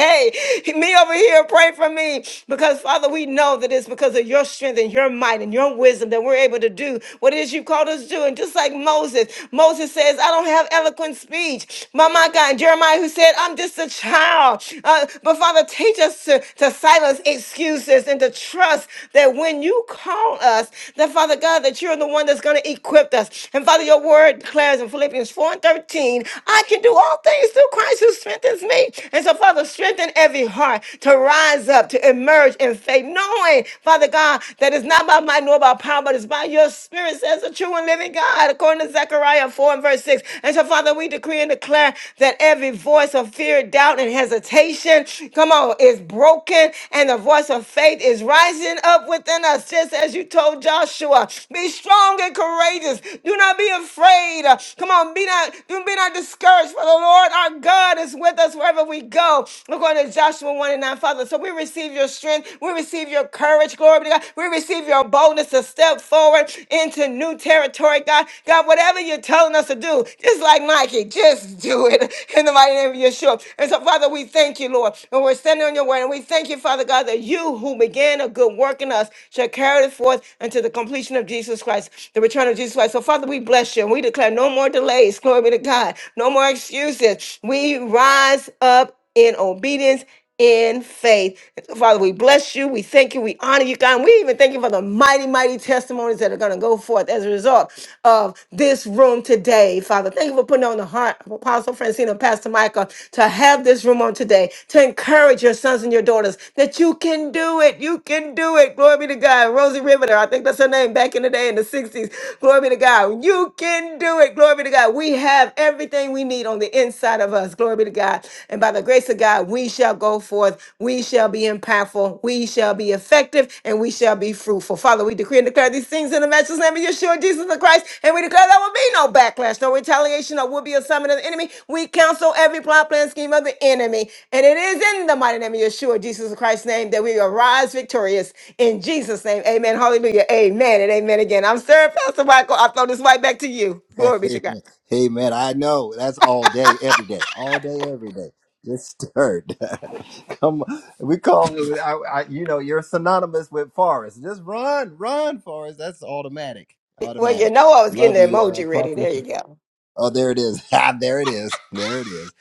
[SPEAKER 3] hey, me over here, pray for me. Because, Father, we know that it's because of your strength and your might and your wisdom that we're able to do what it is you called us to do. And just like Moses, Moses says, I don't have eloquent speech. My, my God, and Jeremiah, who said, I'm just a child. Uh, but, Father, teach us to, to silence excuses and to trust that when you call us, that, Father God, that you're the one that's going to equip us. And, Father, your word declares in Philippians 4 nine and 13. I can do all things through Christ who strengthens me. And so, Father, strengthen every heart to rise up, to emerge in faith, knowing, Father God, that it's not by might nor by power, but it's by your spirit, says the true and living God, according to Zechariah 4 and verse 6. And so, Father, we decree and declare that every voice of fear, doubt, and hesitation, come on, is broken, and the voice of faith is rising up within us, just as you told Joshua. Be strong and courageous. Do not be afraid. Come on, be not, do be not discouraged, for the Lord our God is with us wherever we go. We're going to Joshua 1 and 9, Father. So we receive your strength. We receive your courage, glory be to God. We receive your boldness to step forward into new territory, God. God, whatever you're telling us to do, just like Nike, just do it in the mighty name of Yeshua. And so, Father, we thank you, Lord. And we're standing on your word. And we thank you, Father God, that you who began a good work in us shall carry it forth until the completion of Jesus Christ, the return of Jesus Christ. So, Father, we bless you and we declare no more delays place. Glory be to God. No more excuses. We rise up in obedience. In faith. Father, we bless you. We thank you. We honor you, God. And we even thank you for the mighty, mighty testimonies that are going to go forth as a result of this room today. Father, thank you for putting on the heart of Apostle Francina, and Pastor Michael to have this room on today, to encourage your sons and your daughters that you can do it. You can do it. Glory be to God. Rosie Riveter, I think that's her name back in the day in the 60s. Glory be to God. You can do it. Glory be to God. God, we have everything we need on the inside of us. Glory be to God. And by the grace of God, we shall go forth. We shall be impactful. We shall be effective and we shall be fruitful. Father, we decree and declare these things in the matchless name of Yeshua, Jesus the Christ. And we declare there will be no backlash, no retaliation, or will be a summon of the enemy. We counsel every plot, plan, scheme of the enemy. And it is in the mighty name of Yeshua, Jesus Christ's name, that we arise victorious. In Jesus' name, amen. Hallelujah. Amen and amen again. I'm Sarah Pastor Michael. I throw this right back to you. Glory be to God.
[SPEAKER 1] Amen. Amen. I know that's all day, every day, all day, every day. Just stirred. Come, on. we call it. I, I, you know, you're synonymous with Forrest. Just run, run, Forrest. That's automatic,
[SPEAKER 3] Well, you
[SPEAKER 1] automatic.
[SPEAKER 3] know I was getting
[SPEAKER 1] Love
[SPEAKER 3] the
[SPEAKER 1] you, uh,
[SPEAKER 3] emoji ready. There you
[SPEAKER 1] Proposition.
[SPEAKER 3] go.
[SPEAKER 1] Oh, there it is. Ah, there it is. There it is.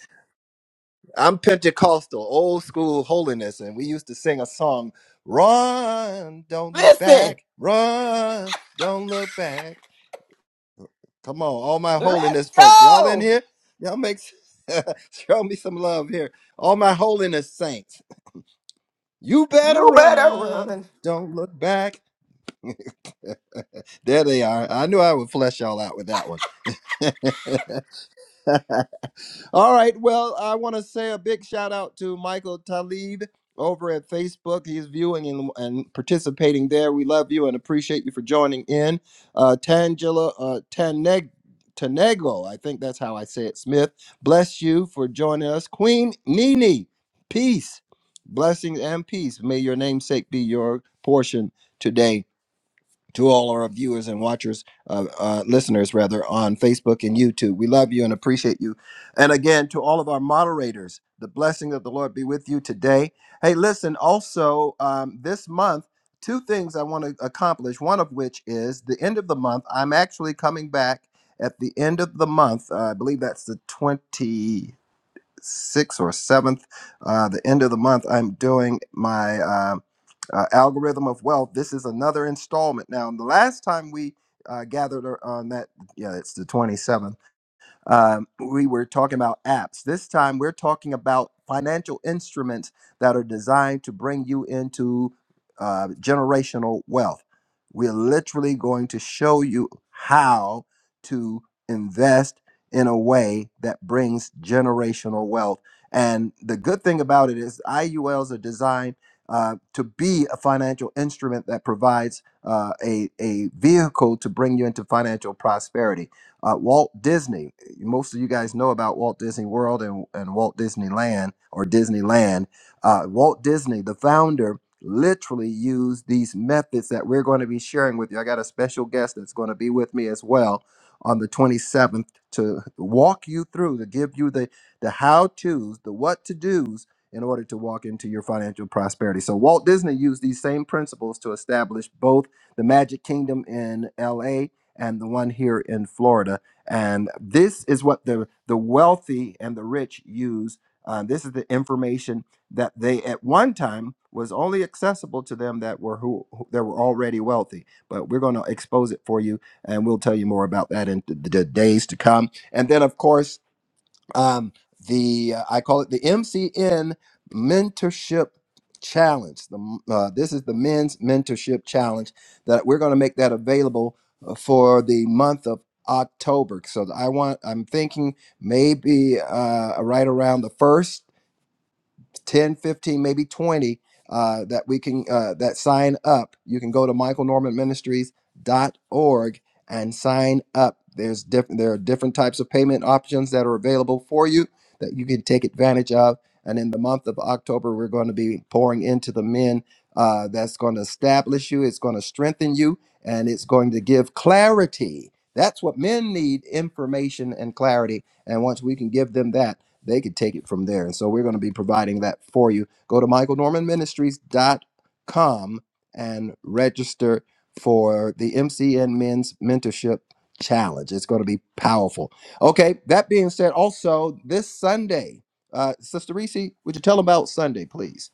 [SPEAKER 1] I'm Pentecostal, old school holiness, and we used to sing a song. Run, don't look
[SPEAKER 3] Listen,
[SPEAKER 1] back. Run, don't look back. Come on, all my
[SPEAKER 3] let's
[SPEAKER 1] holiness folk. Y'all in
[SPEAKER 3] go.
[SPEAKER 1] here? Y'all make show me some love here. All my holiness saints. You better
[SPEAKER 3] You better
[SPEAKER 1] run.
[SPEAKER 3] run.
[SPEAKER 1] Don't look back. There they are. I knew I would flesh y'all out with that one. All right. Well, I want to say a big shout out to Michael Talib over at Facebook. He's viewing and, and participating there. We love you and appreciate you for joining in. Uh, Tangela uh, Taneg. Tanego, I think that's how I say it, Smith. Bless you for joining us. Queen Nini, peace, blessings, and peace. May your namesake be your portion today to all our viewers and watchers, uh, uh, listeners rather, on Facebook and YouTube. We love you and appreciate you. And again, to all of our moderators, the blessing of the Lord be with you today. Hey, listen, also um, this month, two things I want to accomplish, one of which is the end of the month. I'm actually coming back at the end of the month. Uh, I believe that's the 26th or 7th, uh, the end of the month. I'm doing my. Um, uh, algorithm of wealth this is another installment now the last time we uh, gathered on that yeah it's the 27th um, we were talking about apps. This time, we're talking about financial instruments that are designed to bring you into uh, generational wealth. We're literally going to show you how to invest in a way that brings generational wealth. And the good thing about it is, IULs are designed uh, to be a financial instrument that provides uh, a, a vehicle to bring you into financial prosperity. Uh, Walt Disney most of you guys know about Walt Disney World and, and Walt Disneyland or Disneyland. Uh, Walt Disney, the founder, literally used these methods that we're going to be sharing with you. I got a special guest that's going to be with me as well on the 27th to walk you through, to give you the, the how to's, the what to do's in order to walk into your financial prosperity. So, Walt Disney used these same principles to establish both the Magic Kingdom in LA and the one here in Florida and this is what the, the wealthy and the rich use. Uh, this is the information that they at one time was only accessible to them that were who, who that were already wealthy. But we're going to expose it for you, and we'll tell you more about that in the, the days to come. And then, of course, um, the uh, I call it the MCN Mentorship Challenge. The, uh, this is the Men's Mentorship Challenge that we're going to make that available uh, for the month of October. So I want I'm thinking maybe uh, right around the first. 10, 15, maybe 20 uh, that we can uh, that sign up you can go to michaelnormanministries.org and sign up there's different there are different types of payment options that are available for you that you can take advantage of and in the month of october we're going to be pouring into the men uh, that's going to establish you it's going to strengthen you and it's going to give clarity that's what men need information and clarity. And once we can give them that, they could take it from there. And so we're going to be providing that for you. Go to michaelnormanministries.com and register for the MCN Men's Mentorship Challenge. It's going to be powerful. Okay, that being said, also this Sunday, uh, Sister Reese, would you tell them about Sunday, please?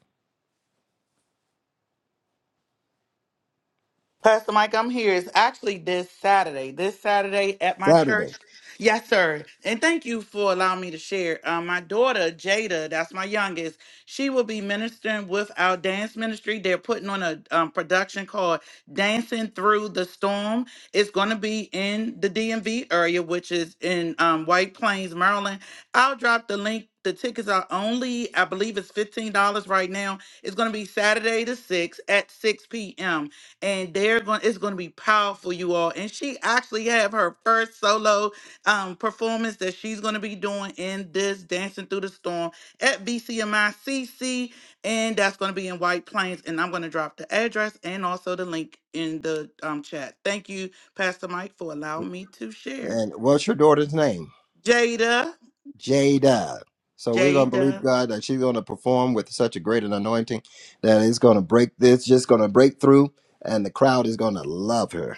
[SPEAKER 5] Pastor Mike, I'm here. It's actually this Saturday. This Saturday at my
[SPEAKER 1] Saturday.
[SPEAKER 5] church. Yes, sir. And thank you for allowing me to share. Uh, my daughter, Jada, that's my youngest, she will be ministering with our dance ministry. They're putting on a um, production called Dancing Through the Storm. It's going to be in the DMV area, which is in um, White Plains, Maryland. I'll drop the link. The tickets are only, I believe it's $15 right now. It's going to be Saturday the 6th at 6 p.m and they're going it's going to be powerful you all and she actually have her first solo um performance that she's going to be doing in this dancing through the storm at bcmicc and that's going to be in white plains and i'm going to drop the address and also the link in the um chat thank you pastor mike for allowing me to share
[SPEAKER 1] And what's your daughter's name?
[SPEAKER 5] jada
[SPEAKER 1] Jada. So we're going to believe
[SPEAKER 5] jada
[SPEAKER 1] God that she's going to perform with such a great an anointing that it's going to break this, just going to break through, and the crowd is going to love her.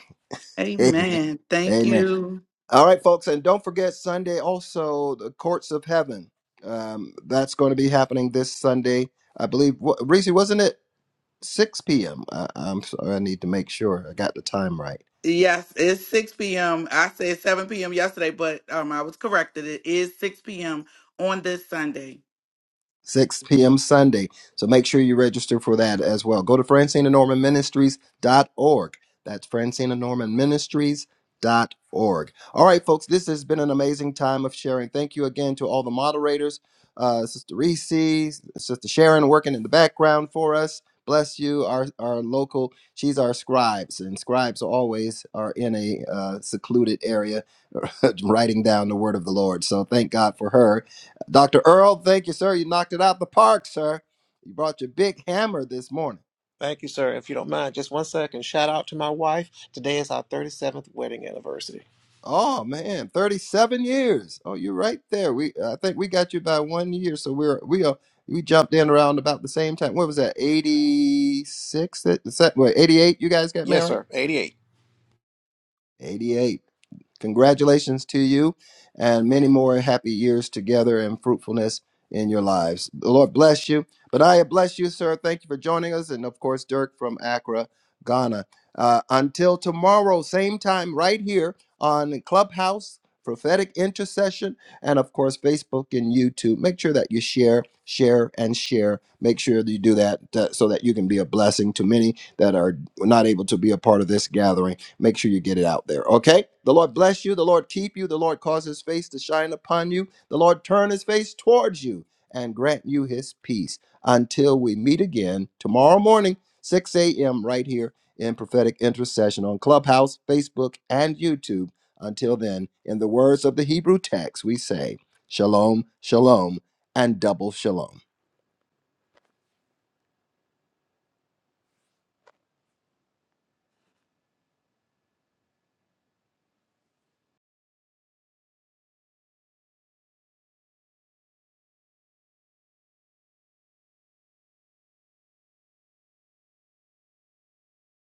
[SPEAKER 1] Amen.
[SPEAKER 5] amen thank
[SPEAKER 1] Amen.
[SPEAKER 5] you
[SPEAKER 1] All right, folks, and don't forget Sunday also the courts of heaven. Um, that's going to be happening this Sunday, I believe. Wh- Reese, wasn't it 6 p.m.? I'm sorry, I need to make sure I got the time right.
[SPEAKER 5] Yes, it's 6 p.m. I said 7 p.m. yesterday, but um, I was corrected. It is 6 p.m. on this Sunday.
[SPEAKER 1] 6 p.m. Sunday. So make sure you register for that as well. Go to Francine and Norman Ministries.org. That's Francine and Norman Ministries.org. All right, folks, this has been an amazing time of sharing. Thank you again to all the moderators, uh, Sister Reese, Sister Sharon working in the background for us. Bless you, our, our local. She's our scribes, and scribes always are in a uh, secluded area writing down the word of the Lord. So thank God for her Dr. Earl, thank you, sir. You knocked it out the park, sir. You brought your big hammer this morning.
[SPEAKER 6] Thank you, sir. If you don't mind, just one second. Shout out to my wife. Today is our 37th wedding anniversary.
[SPEAKER 1] Oh man, 37 years. Oh, you're right there. We uh, I think we got you by one year. So we're we are we jumped in around about the same time. What was that? 86? That, is that- wait, 88 you guys got
[SPEAKER 6] Yes,
[SPEAKER 1] married?
[SPEAKER 6] sir. 88.
[SPEAKER 1] 88. Congratulations to you and many more happy years together and fruitfulness in your lives. The Lord bless you. But I bless you, sir. Thank you for joining us. And of course, Dirk from Accra, Ghana. Uh, until tomorrow, same time, right here on Clubhouse, Prophetic Intercession, and of course, Facebook and YouTube. Make sure that you share, share, and share. Make sure that you do that uh, so that you can be a blessing to many that are not able to be a part of this gathering Make sure you get it out there. Okay. The Lord bless you. The Lord keep you. The Lord cause his face to shine upon you. The Lord turn his face towards you and grant you his peace until we meet again tomorrow morning, 6 a.m., right here in prophetic intercession on Clubhouse, Facebook, and YouTube. Until then, in the words of the Hebrew text, we say, Shalom, Shalom, and double Shalom.